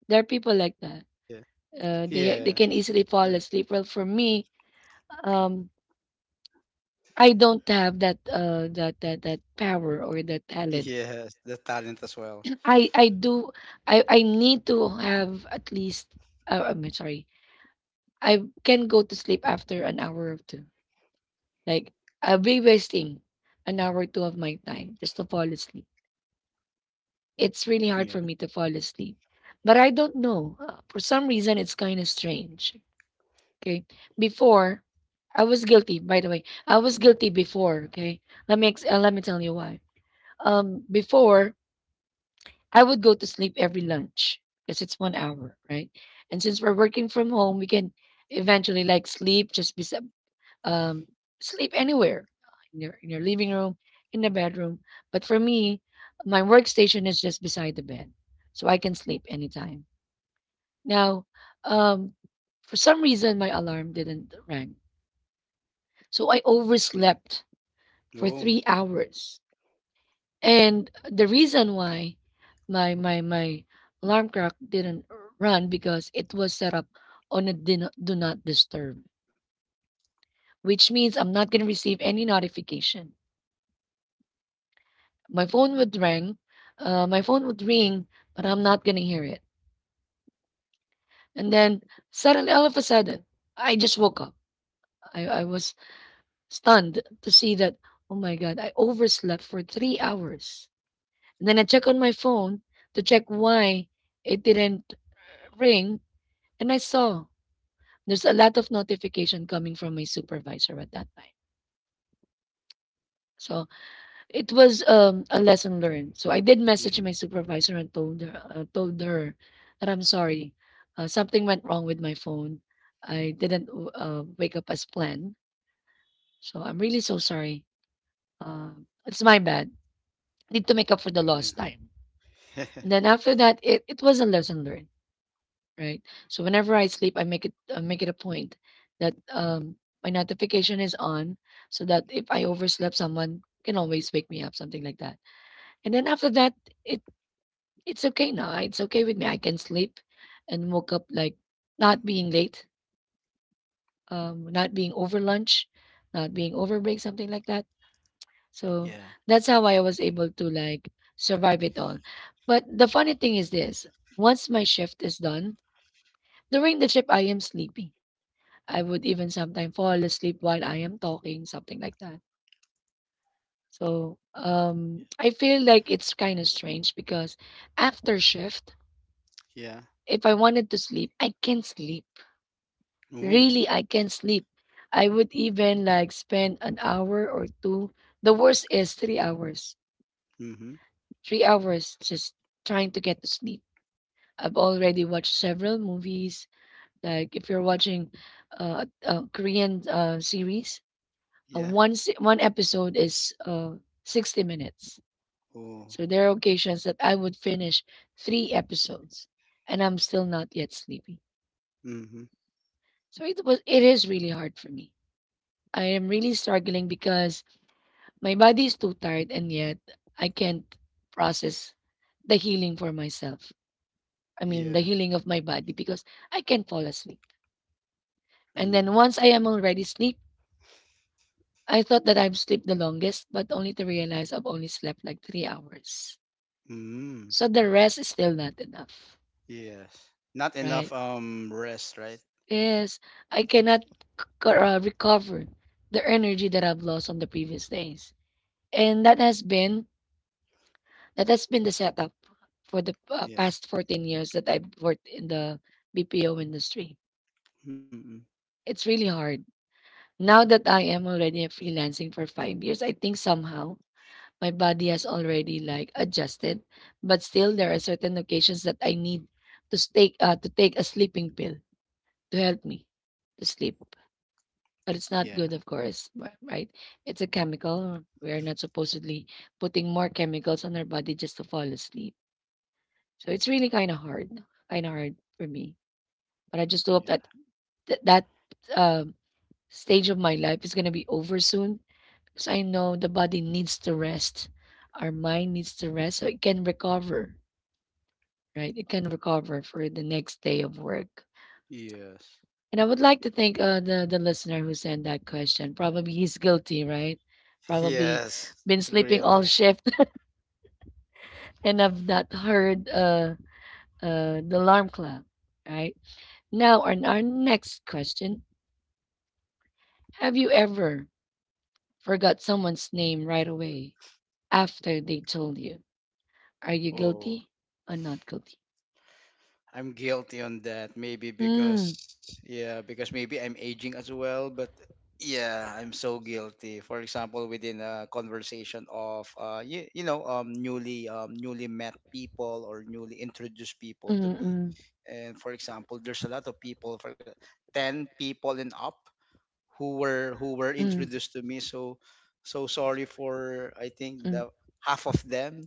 There are people like that.
Yeah,
They
yeah.
they can easily
the,
fall asleep. Well, for me, um, I don't have that that power or that talent.
yes, the talent as well.
I do I need to have at least I'm sorry. I can go to sleep after an hour or two. Like I'll be wasting an hour or two of my time just to fall asleep. It's really hard
Yeah,
for me to fall asleep. But I don't know. For some reason it's kind of strange. Okay? Before I was guilty, by the way. I was guilty before, okay? Let me tell you why. Before I would go to sleep every lunch because it's 1 hour, right? And since we're working from home, we can eventually like sleep just be um sleep anywhere in your living room, in the bedroom. But for me, my workstation is just beside the bed, so I can sleep anytime. Now, um, for some reason, my alarm didn't ring, so I
yeah.
overslept for
Oh,
3 hours. And the reason why my alarm clock didn't run because it was set up on a do not disturb, which means I'm not going to receive any notification. My phone would ring, my phone would ring, but I'm not going to hear it. And then all of a sudden, I just woke up. I was stunned to see that, oh my God, I overslept for 3 hours. And then I check on my phone to check why it didn't ring. And I saw there's a lot of notification coming from my supervisor at that time. So it was a lesson learned. So I did
yeah,
message my supervisor and told her that I'm sorry, something went wrong with my phone. I didn't wake up as planned. So I'm really so sorry. Uh, it's my bad. Need to make up for the
yeah.
lost time. And then after that, it was a lesson learned. Right. So whenever I sleep, I make it a point that my notification is on so that if I overslept, someone can always wake me up, something like that. And then after that, it it's okay now. It's okay with me. I can sleep and woke up like not being late, not being over lunch, not being over break, something like that.
Yeah.
So that's how I was able to like survive it all. But the funny thing is this, once my shift is done, during the shift I am sleepy. I would even sometimes fall asleep while I am talking, something like that. So I feel like it's kind of strange because after shift,
Yeah.
if I wanted to sleep, I can sleep.
Oh.
Really, I can sleep. I would even like spend an hour or two. The worst is 3 hours.
Mhm.
3 hours just trying to get to sleep. I've already watched several movies. Like if you're watching a Korean series,
Yeah.
one episode is 60 minutes.
Oh.
So there are occasions that I would finish three episodes and I'm still not yet sleepy.
Mhm.
So it is really hard for me. I am really struggling because my body is too tired and yet I can't process the healing for myself. I mean the
Yeah.
healing of my body because I can't fall asleep.
Mm.
And then once I am already asleep, I thought that I've slept the longest, but only to realize I've only slept like 3 hours.
Mm.
So the rest is still not enough,
Yes. Not enough
right?
rest, right?
Yes, I cannot recover the energy that I've lost on the previous days, and that has been the setup for the
Yeah.
past 14 years that I've worked in the BPO industry.
Mm-mm.
It's really hard. Now that I am already freelancing for 5 years, I think somehow my body has already like adjusted, but still there are certain occasions that I need to take a sleeping pill to help me to sleep. But it's
Yeah.
not good, of course, right? It's a chemical. We're not supposedly putting more chemicals on our body just to fall asleep. So it's really kind of hard for me. But I just hope
Yeah.
that that um, stage of my life is going to be over soon because I know the body needs to rest. Our mind needs to rest so it can recover, right? It can recover for the next day of work.
Yes.
And I would like to thank the listener who sent that question. Probably he's guilty, right? Probably
Yes.
been
Agree
sleeping
on
all
that.
shift and have not heard the alarm clock, right? Now, on our next question, have you ever forgot someone's name right away after they told you? Are you guilty
Oh.
or not guilty?
I'm guilty on that. Maybe
Mm,
because yeah, because maybe I'm aging as well. But yeah, I'm so guilty. For example, within a conversation of you, you know, newly met people or newly introduced people
mm,
to me.
mm,
And for example, there's a lot of people, for ten people and up, who were
mm,
introduced to me. So sorry for, I think,
mm,
the half of them,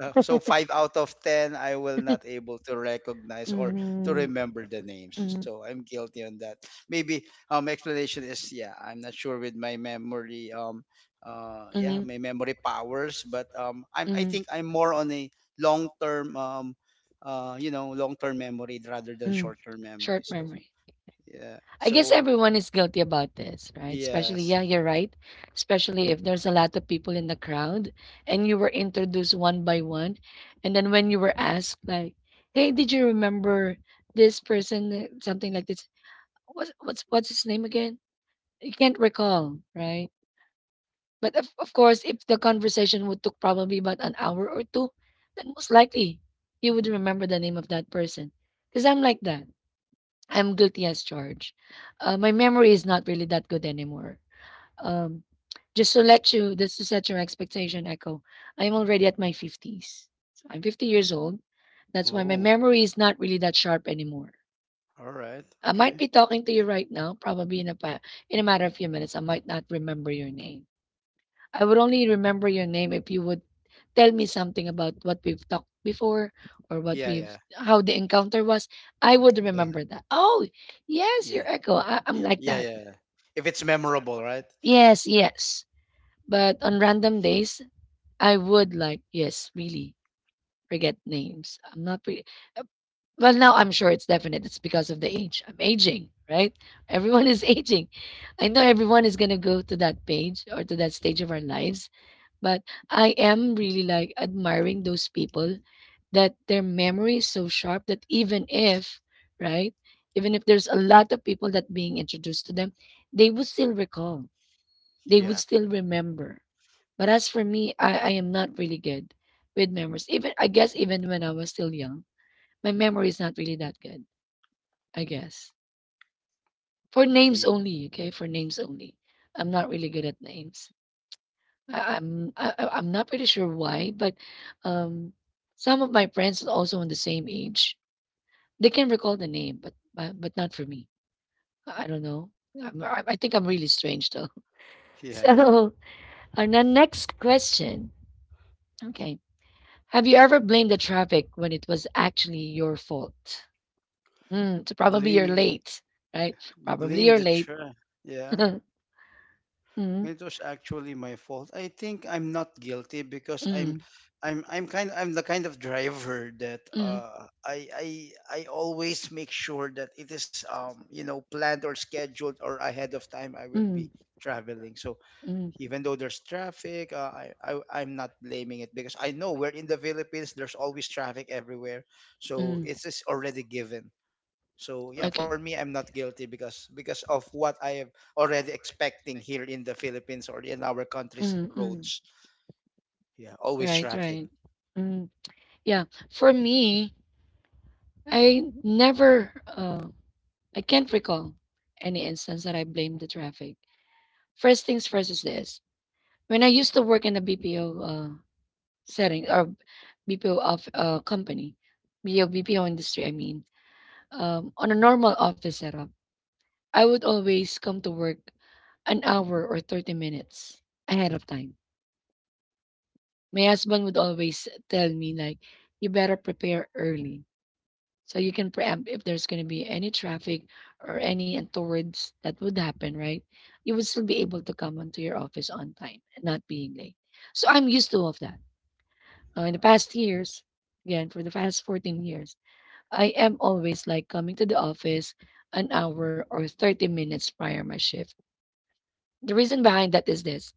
so five out of ten, I will not able to recognize or to
mm,
remember the name.
mm.
So I'm guilty on that. Maybe explanation is, yeah, I'm not sure with my memory, yeah,
Mhm.
my memory powers. But I
Mhm.
think I'm more on a long term you know, long term memory rather than
Mm.
short term
Short
memory. So
memory.
yeah,
I guess
so
everyone is guilty about this, right? Especially,
yes.
yeah, you're right. Especially if there's a lot of people in the crowd and you were introduced one by one. And then when you were asked, like, hey, did you remember this person? Something like this. What's his name again? You can't recall, right? But of course, if the conversation would took probably about an hour or two, then most likely you would remember the name of that person. Because I'm like that. I'm guilty as charged. My memory is not really that good anymore. Um, just to set your expectation, Echo, I'm already at my 50s. So I'm 50 years old. That's why my
Oh,
memory is not really that sharp anymore.
all right,
I might
okay.
be talking to you right now, probably in a matter of few minutes. I might not remember your name. I would only remember your name if you would tell me something about what we've talked before or what
Yeah,
we've
yeah,
how the encounter was. I would
yeah,
remember that. Oh, yes,
yeah,
your echo. I,
yeah,
I'm like
yeah.
that.
Yeah. If it's memorable, right?
Yes, yes. But on random days, I would like yes, really forget names. I'm not pretty. Well, now I'm sure it's definite. It's because of the age. I'm aging, right? Everyone is aging. I know everyone is going to go to that page or to that stage of our lives, but I am really like admiring those people that their memory is so sharp that even if, right, even if there's a lot of people that being introduced to them, they would still recall, they would
Yeah.
still remember. But as for me, I am not really good with memories. Even I guess even when I was still young, my memory is not really that good I guess. For names
Yeah,
only, okay? For names only. I'm not really good at names. I- I'm not pretty sure why, but um, some of my friends also on the same age, they can recall the name, but not for me. I don't know. I think I'm really strange though.
yeah, yeah.
So, our the next question. Okay, have you ever blamed the traffic when it was actually your fault? Mm, so probably you're
Blame,
late, right? Probably
blame the
you're late.
chair. Yeah,
Mm, mm,
it was actually my fault. I think I'm not guilty because
mm,
I'm the kind of driver that I always make sure that it is, you know, planned or scheduled or ahead of time I will
mm.
be traveling. So
Mm,
even though there's traffic, I, I'm not blaming it because I know we're in the Philippines. There's always traffic everywhere, so
mm.
it's just already given. So yeah, for
Okay.
me, I'm not guilty because of what I am already expecting here in the Philippines or in our country's
Mm, mm.
roads. Yeah, always
Right,
traffic.
right. Mm, yeah. For me, I never, uh, I can't recall any instance that I blame the traffic. First things first is this. When I used to work in the BPO uh, setting or BPO of uh, company, BPO, BPO industry, I mean, on a normal office setup, I would always come to work an hour or 30 minutes ahead of time. My husband would always tell me like you better prepare early so you can preempt if there's going to be any traffic or any untoward that would happen, right? You would still be able to come onto your office on time and not being late. So I'm used to all of that. In the past years, again, for the past 14 years, I am always like coming to the office an hour or 30 minutes prior my shift. The reason behind that is this.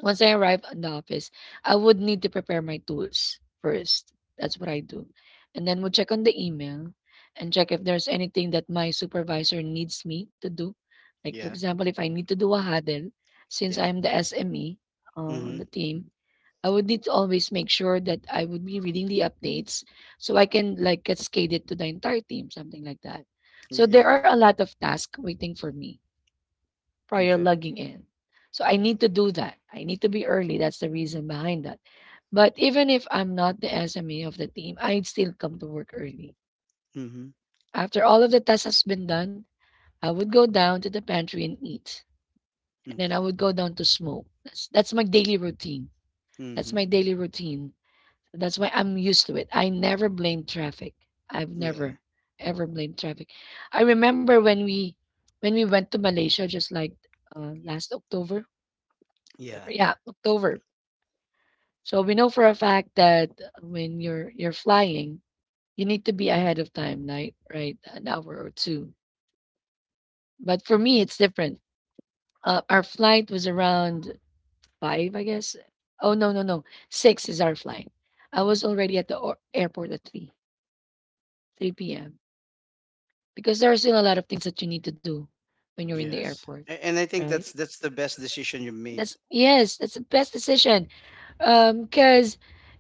Once I arrive at the office, I would need to prepare my tools first. That's what I do. And then we'll check on the email and check if there's anything that my supervisor needs me to do. Like, for
Yeah,
example, if I need to do a huddle, since
yeah.
I'm the SME uh, on the
Mhm.
team, I would need to always make sure that I would be reading the updates so I can like cascade it to the entire team, something like that. So there
Yeah.
are a lot of tasks waiting for me prior
Okay.
logging in. So I need to do that. I need to be early. That's the reason behind that. But even if I'm not the SME of the team, I'd still come to work early.
Mhm.
After all of the tasks has been done, I would go down to the pantry and eat. And then I
Okay.
would go down to smoke. That's my daily routine. That's
Mhm.
my daily routine. That's why I'm used to it. I never blame traffic. I've
Yeah.
never ever blamed traffic. I remember when we went to Malaysia just like last October
Yeah.
October. Yeah, October. So we know for a fact that when you're flying, you need to be ahead of time, right? Right, an hour or two. But for me, it's different. Our flight was around five, I guess. Oh no, six is our flight. I was already at the airport at three, three p.m. because there are still a lot of things that you need to do when you're in the
Yes.
airport,
A- And I think
right?
that's the best decision you made.
That's yes, that's the best decision. Um, because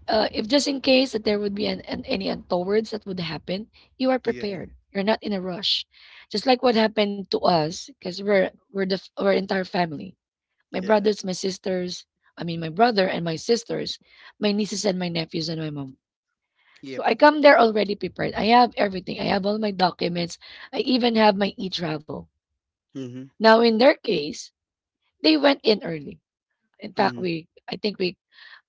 uh, if just in case that there would be any untowards that would happen, you are
Yeah.
prepared. You're not in a rush, just like what happened to us, because our entire family. My
Yeah.
brothers, my sisters. I mean, my brother and my sisters, my nieces and my nephews and my mom. So
Yep.
I come there already prepared. I have everything. I have all my documents. I even have my e-travel.
Mhm.
Now, in their case, they went in early. In fact,
Mhm.
we I think we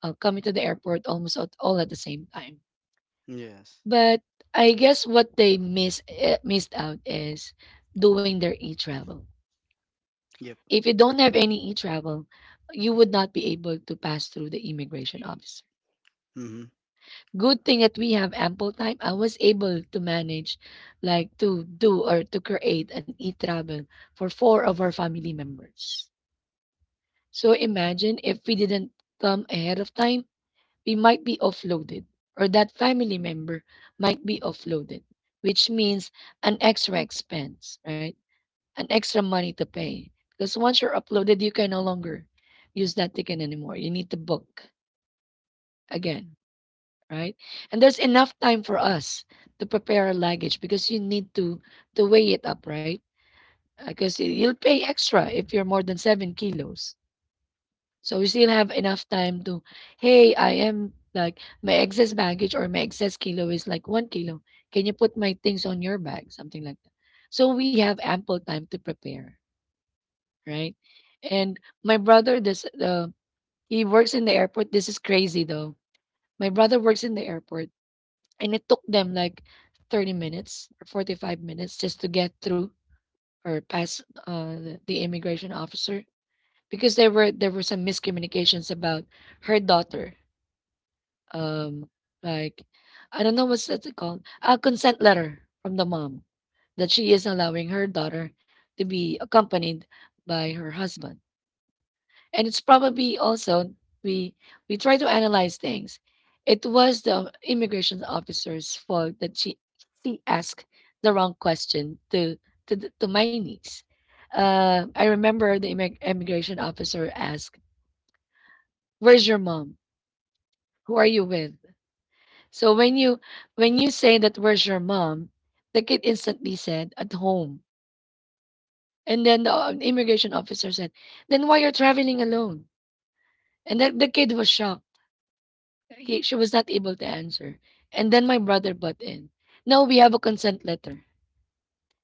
coming to the airport almost at, all at the same time.
Yes.
But I guess what they missed out is doing their e-travel.
Yep.
If you don't have any e-travel, you would not be able to pass through the immigration officer.
Mhm.
Good thing that we have ample time. I was able to manage, like to do or to create an e-travel for four of our family members. So imagine if we didn't come ahead of time, we might be offloaded, or that family member might be offloaded, which means an extra expense, right? An extra money to pay. Because once you're uploaded, you can no longer use that ticket anymore. You need to book again, right? And there's enough time for us to prepare our luggage because you need to weigh it up, right? Because you'll pay extra if you're more than 7 kilos. So we still have enough time to, hey, I am like my excess baggage or my excess kilo is like 1 kilo. Can you put my things on your bag? Something like that. So we have ample time to prepare, right? And my brother, this he works in the airport. This is crazy though. My brother works in the airport, and it took them like 30 minutes or 45 minutes just to get through or pass the immigration officer because there were some miscommunications about her daughter um, like I don't know what's that called? A consent letter from the mom that she is allowing her daughter to be accompanied by her husband. And it's probably also we we try to analyze things. It was the immigration officer's fault that she asked the wrong question to to my niece. I remember the immigration officer asked, "Where's your mom? Who are you with?" So when you say that where's your mom, the kid instantly said at home, and then the immigration officer said, then why you're traveling alone? And the kid was shocked. She was not able to answer. And then my brother butt in. No, we have a consent letter.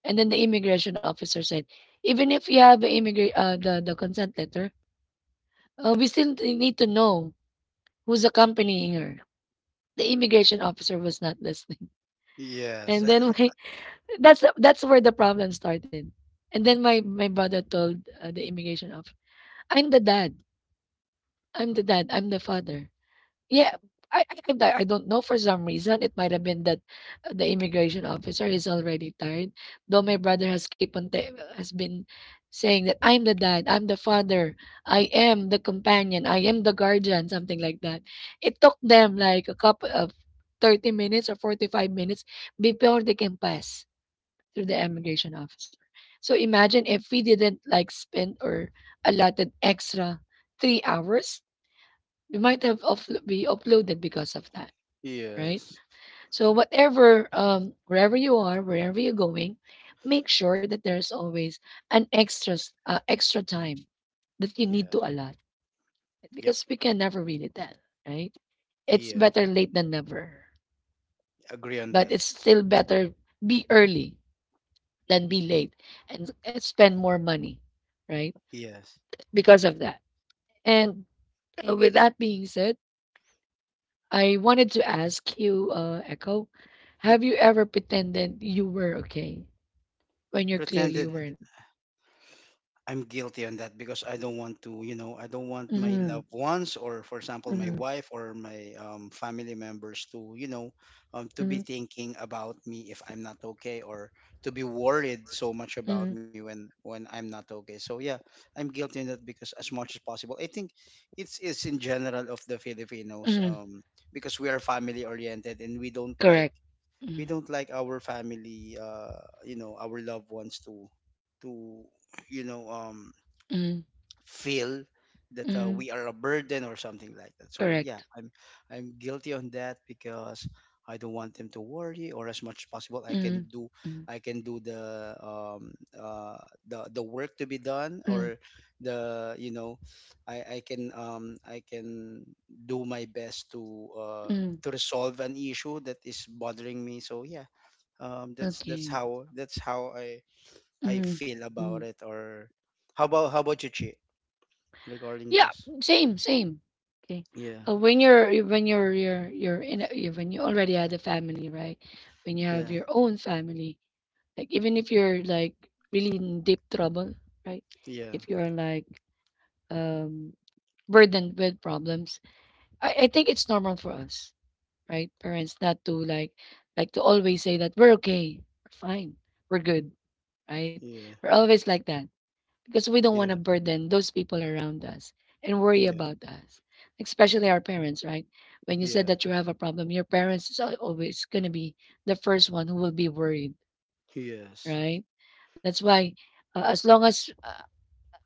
And then the immigration officer said, even if you have a immigra- the consent letter, we still need to know who's accompanying her. The immigration officer was not listening.
Yes.
And then when that's where the problem started. And then my brother told the immigration officer, "I'm the dad. I'm the dad. I'm the father." Yeah, I I, i I don't know, for some reason it might have been that the immigration officer is already tired. Though my brother has keep on ta- has been saying that I'm the dad, I'm the father, I am the companion, I am the guardian, something like that. It took them like a couple of 30 minutes or 45 minutes before they can pass through the immigration officer. So imagine if we didn't like spend or allotted extra 3 hours, we might have be uploaded because of that, right?
Yes.
So whatever, wherever you are, wherever you're going, make sure that there's always an extra time that you need
Yeah.
to allot
Yep.
because we can never really tell, right? It's
Yeah.
better late than never,
Agree on
but
that.
it's still better be early than be late and, spend more money, right?
Yes.
Because of that. And with that being said, I wanted to ask you, Echo,
Yep.
have you ever pretended you were okay when you
Pretend
clearly weren't?
I'm guilty on that because I don't want to, you know, I don't want my
Mm-hmm,
loved ones, or for example, my
mm-hmm,
wife or my family members to, you know, to
mm-hmm,
be thinking about me if I'm not okay, or to be worried so much about
mm-hmm,
me when I'm not okay. So yeah, I'm guilty on that because as much as possible, I think it's in general of the Filipinos,
mm-hmm.
because we are family oriented and we don't like
Correct. Mm,
our family you know, our loved ones to to you know,
mm,
feel that
mm,
we are a burden or something like that. So yeah,
correct.
I'm guilty on that because I don't want them to worry, or as much as possible I can
Mm,
do,
mm,
I can do the, the work to be done,
mm,
or the, you know, I can do my best to uh
mm.
to resolve an issue that is bothering me. So yeah, that's
Okay.
that's how I I
Mm,
feel
mm.
about it. Or how about you, Chi, regarding
Yeah,
this?
same, same. Okay.
Yeah,
When you're in a, you when you already had a family, right? When you have
yeah,
your own family, like even if you're like really in deep trouble, right?
yeah,
If you're like um burdened with problems, I think it's normal for us, right? Parents not to like to always say that we're okay, we're fine, we're good, right?
yeah,
We're always like that because we don't want
yeah,
to burden those people around us and worry
yeah,
about us, especially our parents, right? When you said
yeah,
that you have a problem, your parents is always going to be the first one who will be worried,
yes,
right? That's why, as long as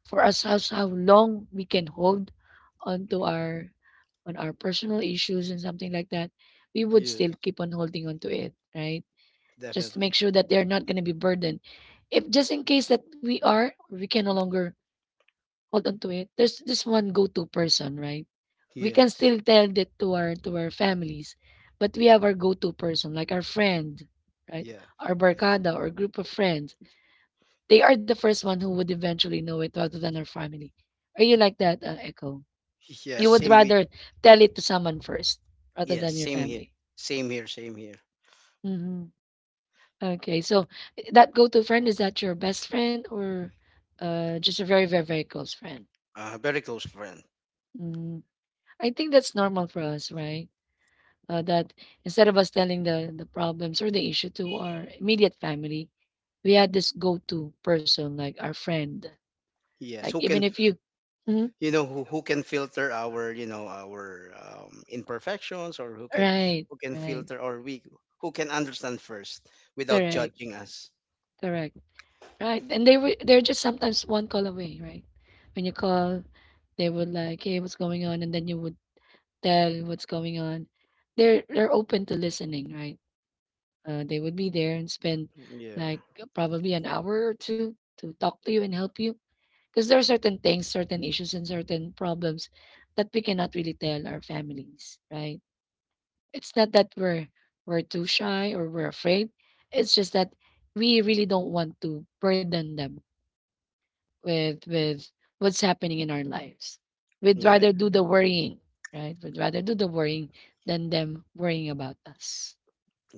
for us, how long we can hold onto our on our personal issues and something like that, we would still
yes,
keep on holding on to it, right? Just to make
definitely,
sure that they're not going to be burdened. If just in case that we are, we can no longer hold on to it. There's this one go-to person, right? We can
yes,
still tell that to our families, but we have our go-to person, like our friend, right?
yeah,
Our barkada or group of friends. They are the first one who would eventually know it rather than our family. Are you like that, Echo?
yes,
You would
same way,
rather tell it to someone first rather
yes,
than your
same here,
family.
same here, same here.
Mm-hmm. Okay, so that go-to friend, is that your best friend or just a very, very, very close friend?
Uh, very close friend.
Mm, I think that's normal for us, right? That instead of us telling the problems or the issue to our immediate family, we had this go-to person like our friend.
Yes,
Like
who
even
can,
if you, Mhm.
you know, who can filter our, you know, our imperfections, or
right,
who can
right,
filter or we who can understand first without
correct,
judging us.
correct, right, and they were they're just sometimes one call away, right? When you call, they would like, hey, what's going on, and then you would tell what's going on. They're open to listening, right? They would be there and spend
Yeah,
like probably an hour or two to talk to you and help you. Because there are certain things, certain issues, and certain problems that we cannot really tell our families, right? It's not that we're too shy or we're afraid. It's just that we really don't want to burden them with what's happening in our lives. We'd rather
yeah,
do the worrying, right? We'd rather do the worrying than them worrying about us.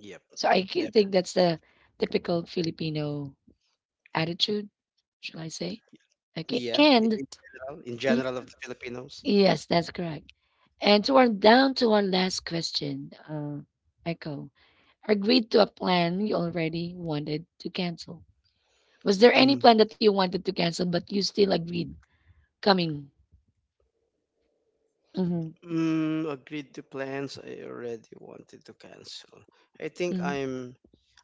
yep,
So I think
def-
that's the typical Filipino attitude, shall I say? Okay,
yeah,
and
in general,
mm,
of the Filipinos.
yes, that's correct. And so we're down to our last question, Echo. Agreed to a plan you already wanted to cancel. Was there any
Mm-hmm.
plan that you wanted to cancel but you still agreed coming? Mm-hmm,
Mm, agreed to plans I already wanted to cancel. I think
mm-hmm,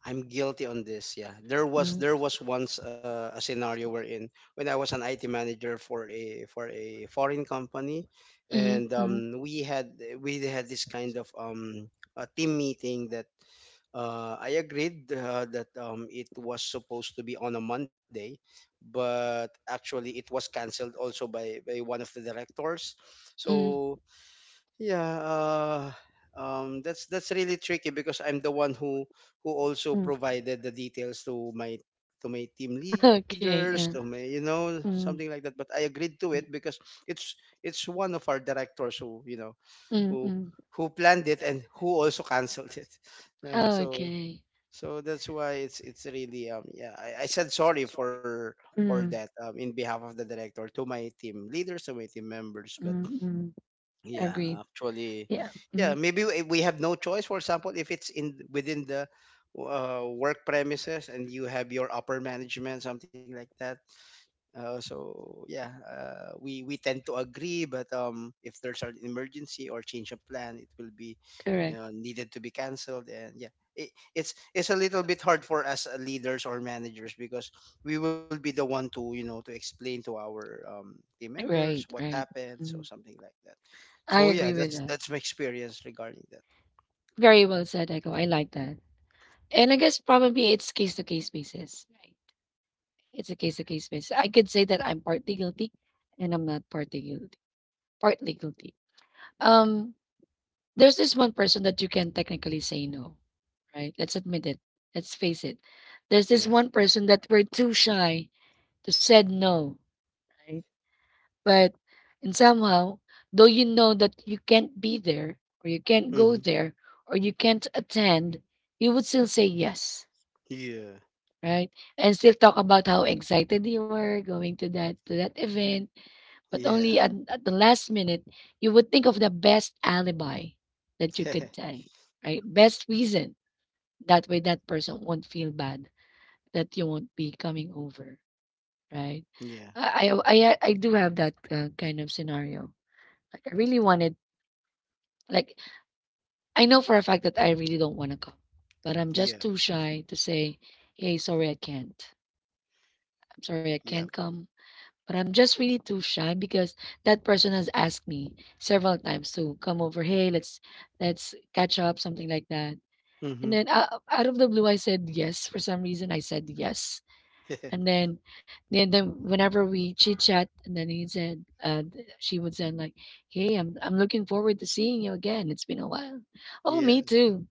I'm guilty on this. Yeah, there was
mm-hmm,
once a scenario wherein when I was an IT manager for a foreign company,
mm-hmm,
and
mm-hmm,
we had this kind of a team meeting that I agreed that, it was supposed to be on a Monday, but actually it was cancelled also by one of the directors.
mm-hmm,
So yeah, that's really tricky because I'm the one who also
mm-hmm.
provided the details to my team leaders, to
Okay.
my, you know, something like
Mm,
that. But I agreed to it
mm,
because it's one of our directors who, you know,
mm,
who
mm.
who planned it and who also canceled it. You know, so
Okay.
that's why it's really yeah, I said sorry for
Mm,
that, in behalf of the director to my team leaders, to my team members. But
mm, mm.
yeah,
Agreed.
actually,
Yeah.
yeah,
Mm,
maybe we have no choice. For example, if it's in within the work premises and you have your upper management, something like that, so yeah, we tend to agree, but if there's an emergency or change of plan, it will be
correct.
needed to be canceled. And yeah, it's a little bit hard for us leaders or managers because we will be the one to, you know, to explain to our team members
Right.
what
Right.
happened, so
Mm-hmm.
something like that.
I
So yeah,
agree with
that's
that.
my experience regarding that.
Very well said, Echo. I like that. And I guess probably it's case to case basis, right? It's a case to case basis. I could say that I'm partly guilty and I'm not partly guilty. Partly guilty. Um, there's this one person that you can technically say no, right? Let's admit it. Let's face it. There's this
Yeah.
one person that we're too shy to said no, right? But and somehow, though you know that you can't be there, or you can't
Mm-hmm.
go there, or you can't attend, you would still say yes,
Yeah.
right? And still talk about how excited you were going to that event. But
Yeah.
only at the last minute, you would think of the best alibi that you could say, right? Best reason. That way, that person won't feel bad that you won't be coming over, right?
Yeah.
I do have that kind of scenario like I really wanted like, I know for a fact that I really don't want to come, but I'm
Yeah.
just too shy to say, "Hey, sorry I can't. I'm sorry I
Yeah.
can't come." But I'm just really too shy because that person has asked me several times to come over, "Hey, let's catch up," something like that. And
Mm-hmm.
then out of the blue I said yes. For some reason I said yes. And then whenever we chit chat, and then she would say like, "Hey, I'm looking forward to seeing you again. It's been a while." Oh,
Yeah.
me too.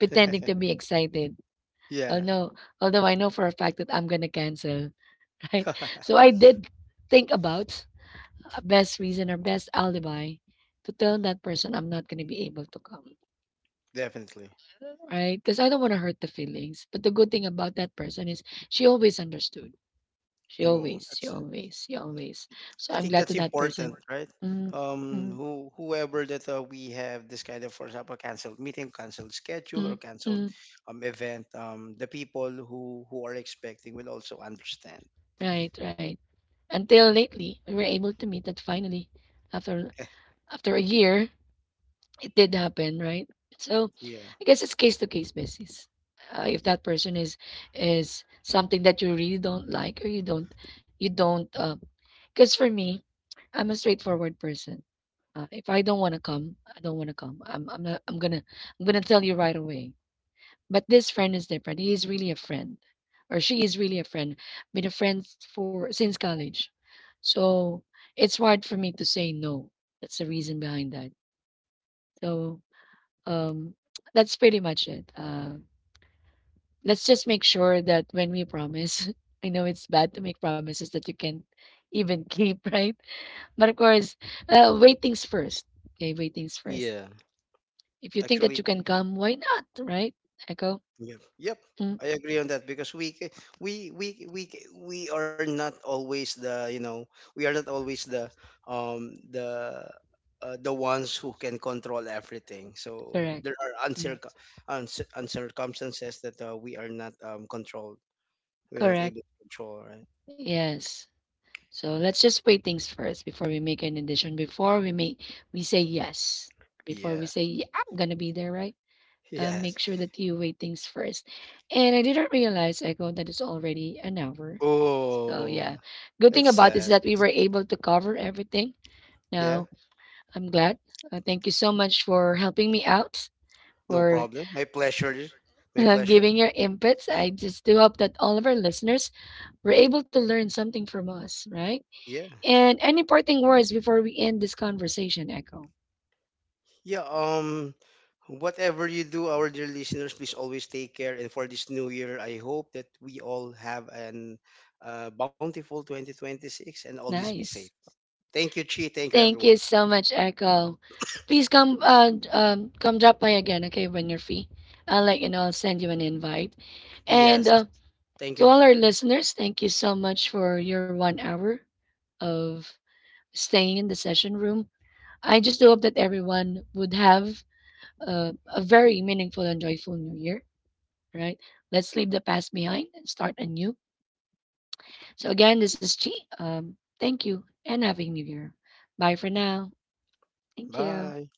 Pretending to be excited. Oh
Yeah.
no, although I know for a fact that I'm gonna cancel, right? So I did think about a best reason or best alibi to tell that person I'm not gonna be able to come,
Definitely.
right? Because I don't want to hurt the feelings. But the good thing about that person is she always understood. She
Well,
always,
that's
she always, she always.
I
So I'm
think
glad
that's
to that
important,
person.
right?
Mm, mm,
Who whoever that, we have this kind of, for example, canceled meeting, canceled schedule, or
mm,
canceled
mm.
event, the people who are expecting will also understand.
Right, right. Until lately, we were able to meet that finally. After after a year, it did happen, right? So
Yeah.
I guess it's case to case basis. If
Yep.
that person is something that you really don't like or you don't because for me, I'm a straightforward person. If I don't want to come, I don't want to come. I'm not, I'm gonna tell you right away. But this friend is different. He is really a friend, or she is really a friend. Been a friend for since college. So it's hard for me to say no. That's the reason behind that. So um, that's pretty much it. Let's just make sure that when we promise, I know it's bad to make promises that you can't even keep, right? But of course, wait things first. Okay, wait things first.
Yeah.
If you think that
Actually,
you can come, why not, right? Echo?
yep. Yep.
Mm,
I agree on that because we ca- we ca- we are not always the, you know, we are not always um the the ones who can control everything. So
correct.
there are
Mm,
uncircumstances that we are not controlled. We're not
correct.
able to control, right?
Yes. So let's just weigh things first before we make any decision. Before we say yes. Before we
Yeah.
say yeah, I'm gonna be there, right? Make
Yes.
sure that you weigh things first. And I didn't realize I go that it's already an hour. So
Oh,
yeah. Good
that's
thing about
sad.
this is that we were able to cover everything.
Yeah.
Now I'm glad. Thank you so much for helping me out
No
for
problem. My pleasure. My pleasure.
giving your inputs. I just do hope that all of our listeners were able to learn something from us, right?
Yeah.
And any parting words before we end this conversation, Echo?
Yeah, whatever you do, our dear listeners, please always take care. And for this new year, I hope that we all have an bountiful 2026 and always be safe.
Nice.
Thank you, Chi. Thank you,
Thank you
everyone.
so much, Echo. Please come come drop by again, okay, when you're free. I'll let you know, I'll send you an invite. And
Yes. Thank
to
you.
all our listeners, thank you so much for your 1 hour of staying in the session room. I just hope that everyone would have a very meaningful and joyful new year, right? Let's leave the past behind and start anew. So again, this is Chi. Thank you and happy new year. Bye for now. Thank you.
Bye.